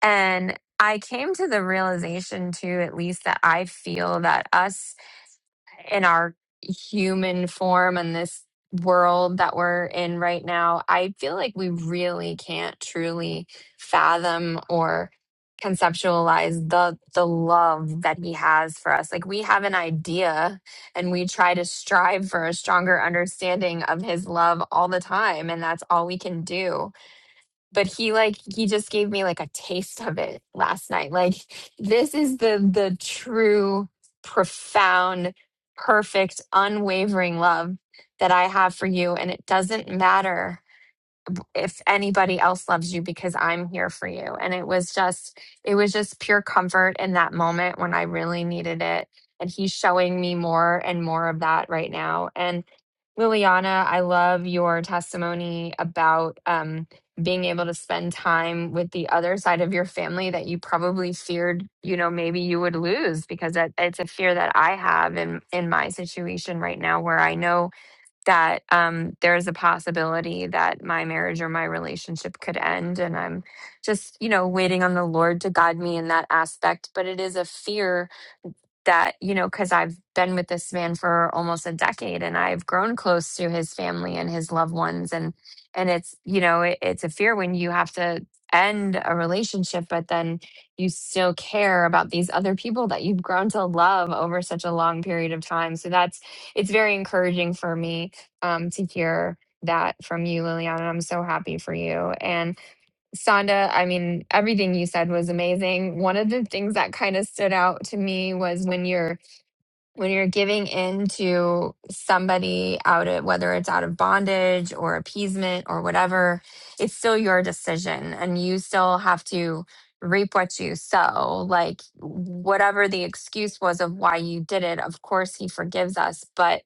[SPEAKER 9] And I came to the realization, too, at least that I feel that us in our human form and this world that we're in right now, I feel like we really can't truly fathom or conceptualize the the love that he has for us. Like we have an idea and we try to strive for a stronger understanding of his love all the time and that's all we can do but he like he just gave me like a taste of it last night like this is the the true profound perfect unwavering love that i have for you and it doesn't matter if anybody else loves you because i'm here for you and it was just it was just pure comfort in that moment when i really needed it and he's showing me more and more of that right now And. Liliana, I love your testimony about um, being able to spend time with the other side of your family that you probably feared, you know, maybe you would lose because that it's a fear that I have in in my situation right now, where I know that um, there's a possibility that my marriage or my relationship could end, and I'm just, you know, waiting on the Lord to guide me in that aspect. But it is a fear that, you know, because I've been with this man for almost a decade and I've grown close to his family and his loved ones. And, and it's, you know, it, it's a fear when you have to end a relationship, but then you still care about these other people that you've grown to love over such a long period of time. So that's, it's very encouraging for me um, to hear that from you, Liliana. I'm so happy for you. and. Sonda, I mean, everything you said was amazing. One of the things that kind of stood out to me was when you're when you're giving in to somebody out of whether it's out of bondage or appeasement or whatever, it's still your decision and you still have to reap what you sow. Like whatever the excuse was of why you did it, of course he forgives us, but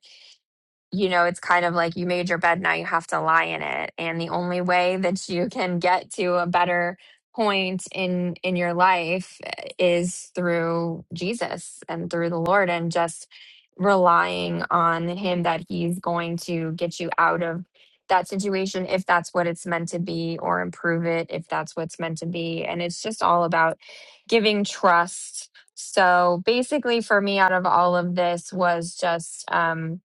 [SPEAKER 9] you know, it's kind of like you made your bed, now you have to lie in it. And the only way that you can get to a better point in in your life eh, is through Jesus and through the Lord and just relying on him that he's going to get you out of that situation if that's what it's meant to be or improve it if that's what's meant to be and it's just all about giving trust so basically for me out of all of this was just um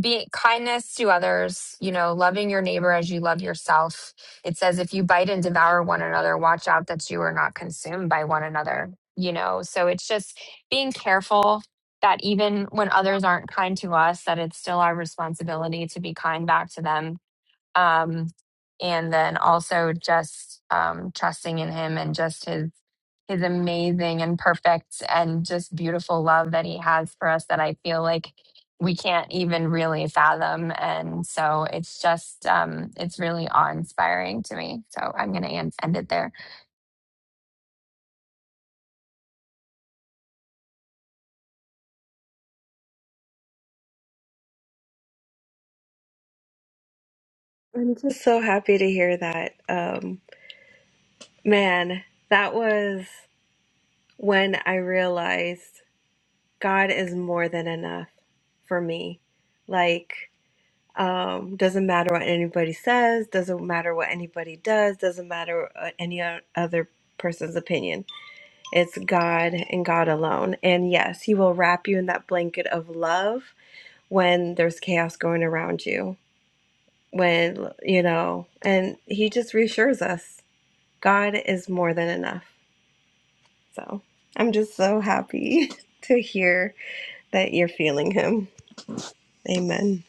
[SPEAKER 9] be kindness to others, you know, loving your neighbor as you love yourself. It says, if you bite and devour one another, watch out that you are not consumed by one another, you know. So it's just being careful that even when others aren't kind to us, that it's still our responsibility to be kind back to them um, and then also just um, trusting in him and just his his amazing and perfect and just beautiful love that he has for us that I feel like we can't even really fathom. And so it's just um, it's really awe inspiring to me. So I'm going to end, end it there.
[SPEAKER 3] I'm just so happy to hear that. Um, man, that was when I realized God is more than enough for me. Like, um, doesn't matter what anybody says, doesn't matter what anybody does, doesn't matter what any o- other person's opinion It's God and God alone. And yes, He will wrap you in that blanket of love when there's chaos going around you. When, you know, and He just reassures us God is more than enough. So I'm just so happy to hear that you're feeling Him. Amen.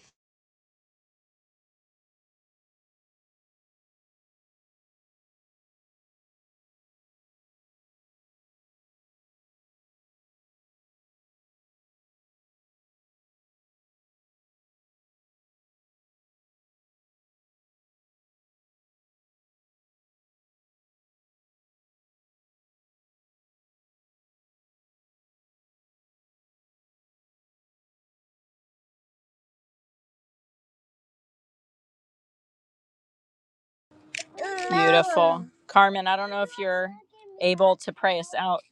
[SPEAKER 5] Beautiful. Carmen, I don't know if you're able to pray us out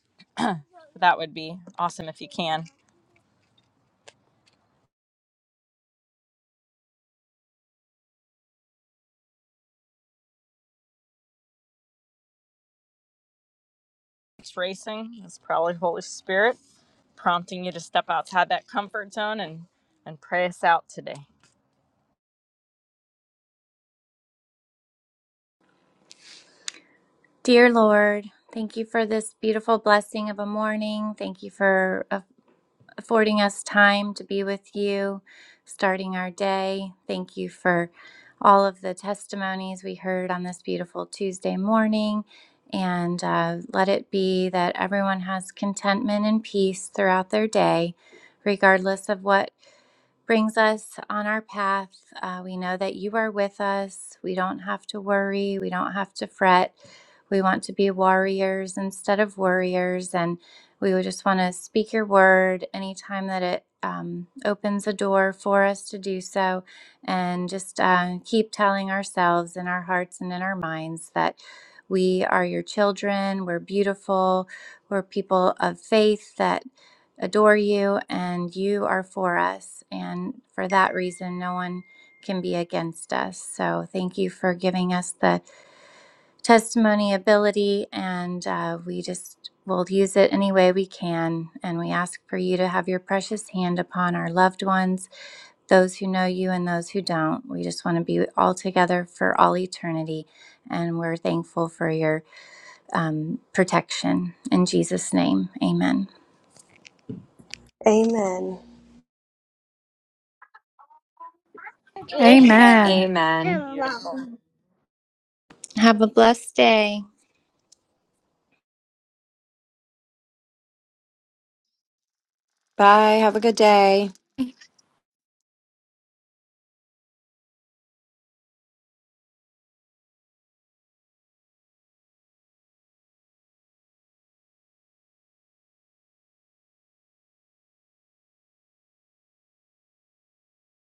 [SPEAKER 5] That would be awesome if you can. It's racing. It's probably Holy Spirit prompting you to step outside that comfort zone and and pray us out today.
[SPEAKER 4] Dear Lord, thank you for this beautiful blessing of a morning. Thank you for a affording us time to be with you, starting our day. Thank you for all of the testimonies we heard on this beautiful Tuesday morning. And uh, let it be that everyone has contentment and peace throughout their day, regardless of what brings us on our path. Uh, we know that you are with us. We don't have to worry. We don't have to fret. We want to be warriors instead of worriers. And we would just want to speak your word anytime that it um, opens a door for us to do so, and just uh, keep telling ourselves in our hearts and in our minds that we are your children, we're beautiful, we're people of faith that adore you, and you are for us. And for that reason, no one can be against us. So thank you for giving us the testimony ability, and uh, we just will use it any way we can. And we ask for you to have your precious hand upon our loved ones, those who know you and those who don't. We just want to be all together for all eternity, and we're thankful for your um, protection. In Jesus' name, amen.
[SPEAKER 3] Amen.
[SPEAKER 10] Amen.
[SPEAKER 5] Amen.
[SPEAKER 9] Amen.
[SPEAKER 4] Have a blessed day.
[SPEAKER 8] bye have a good day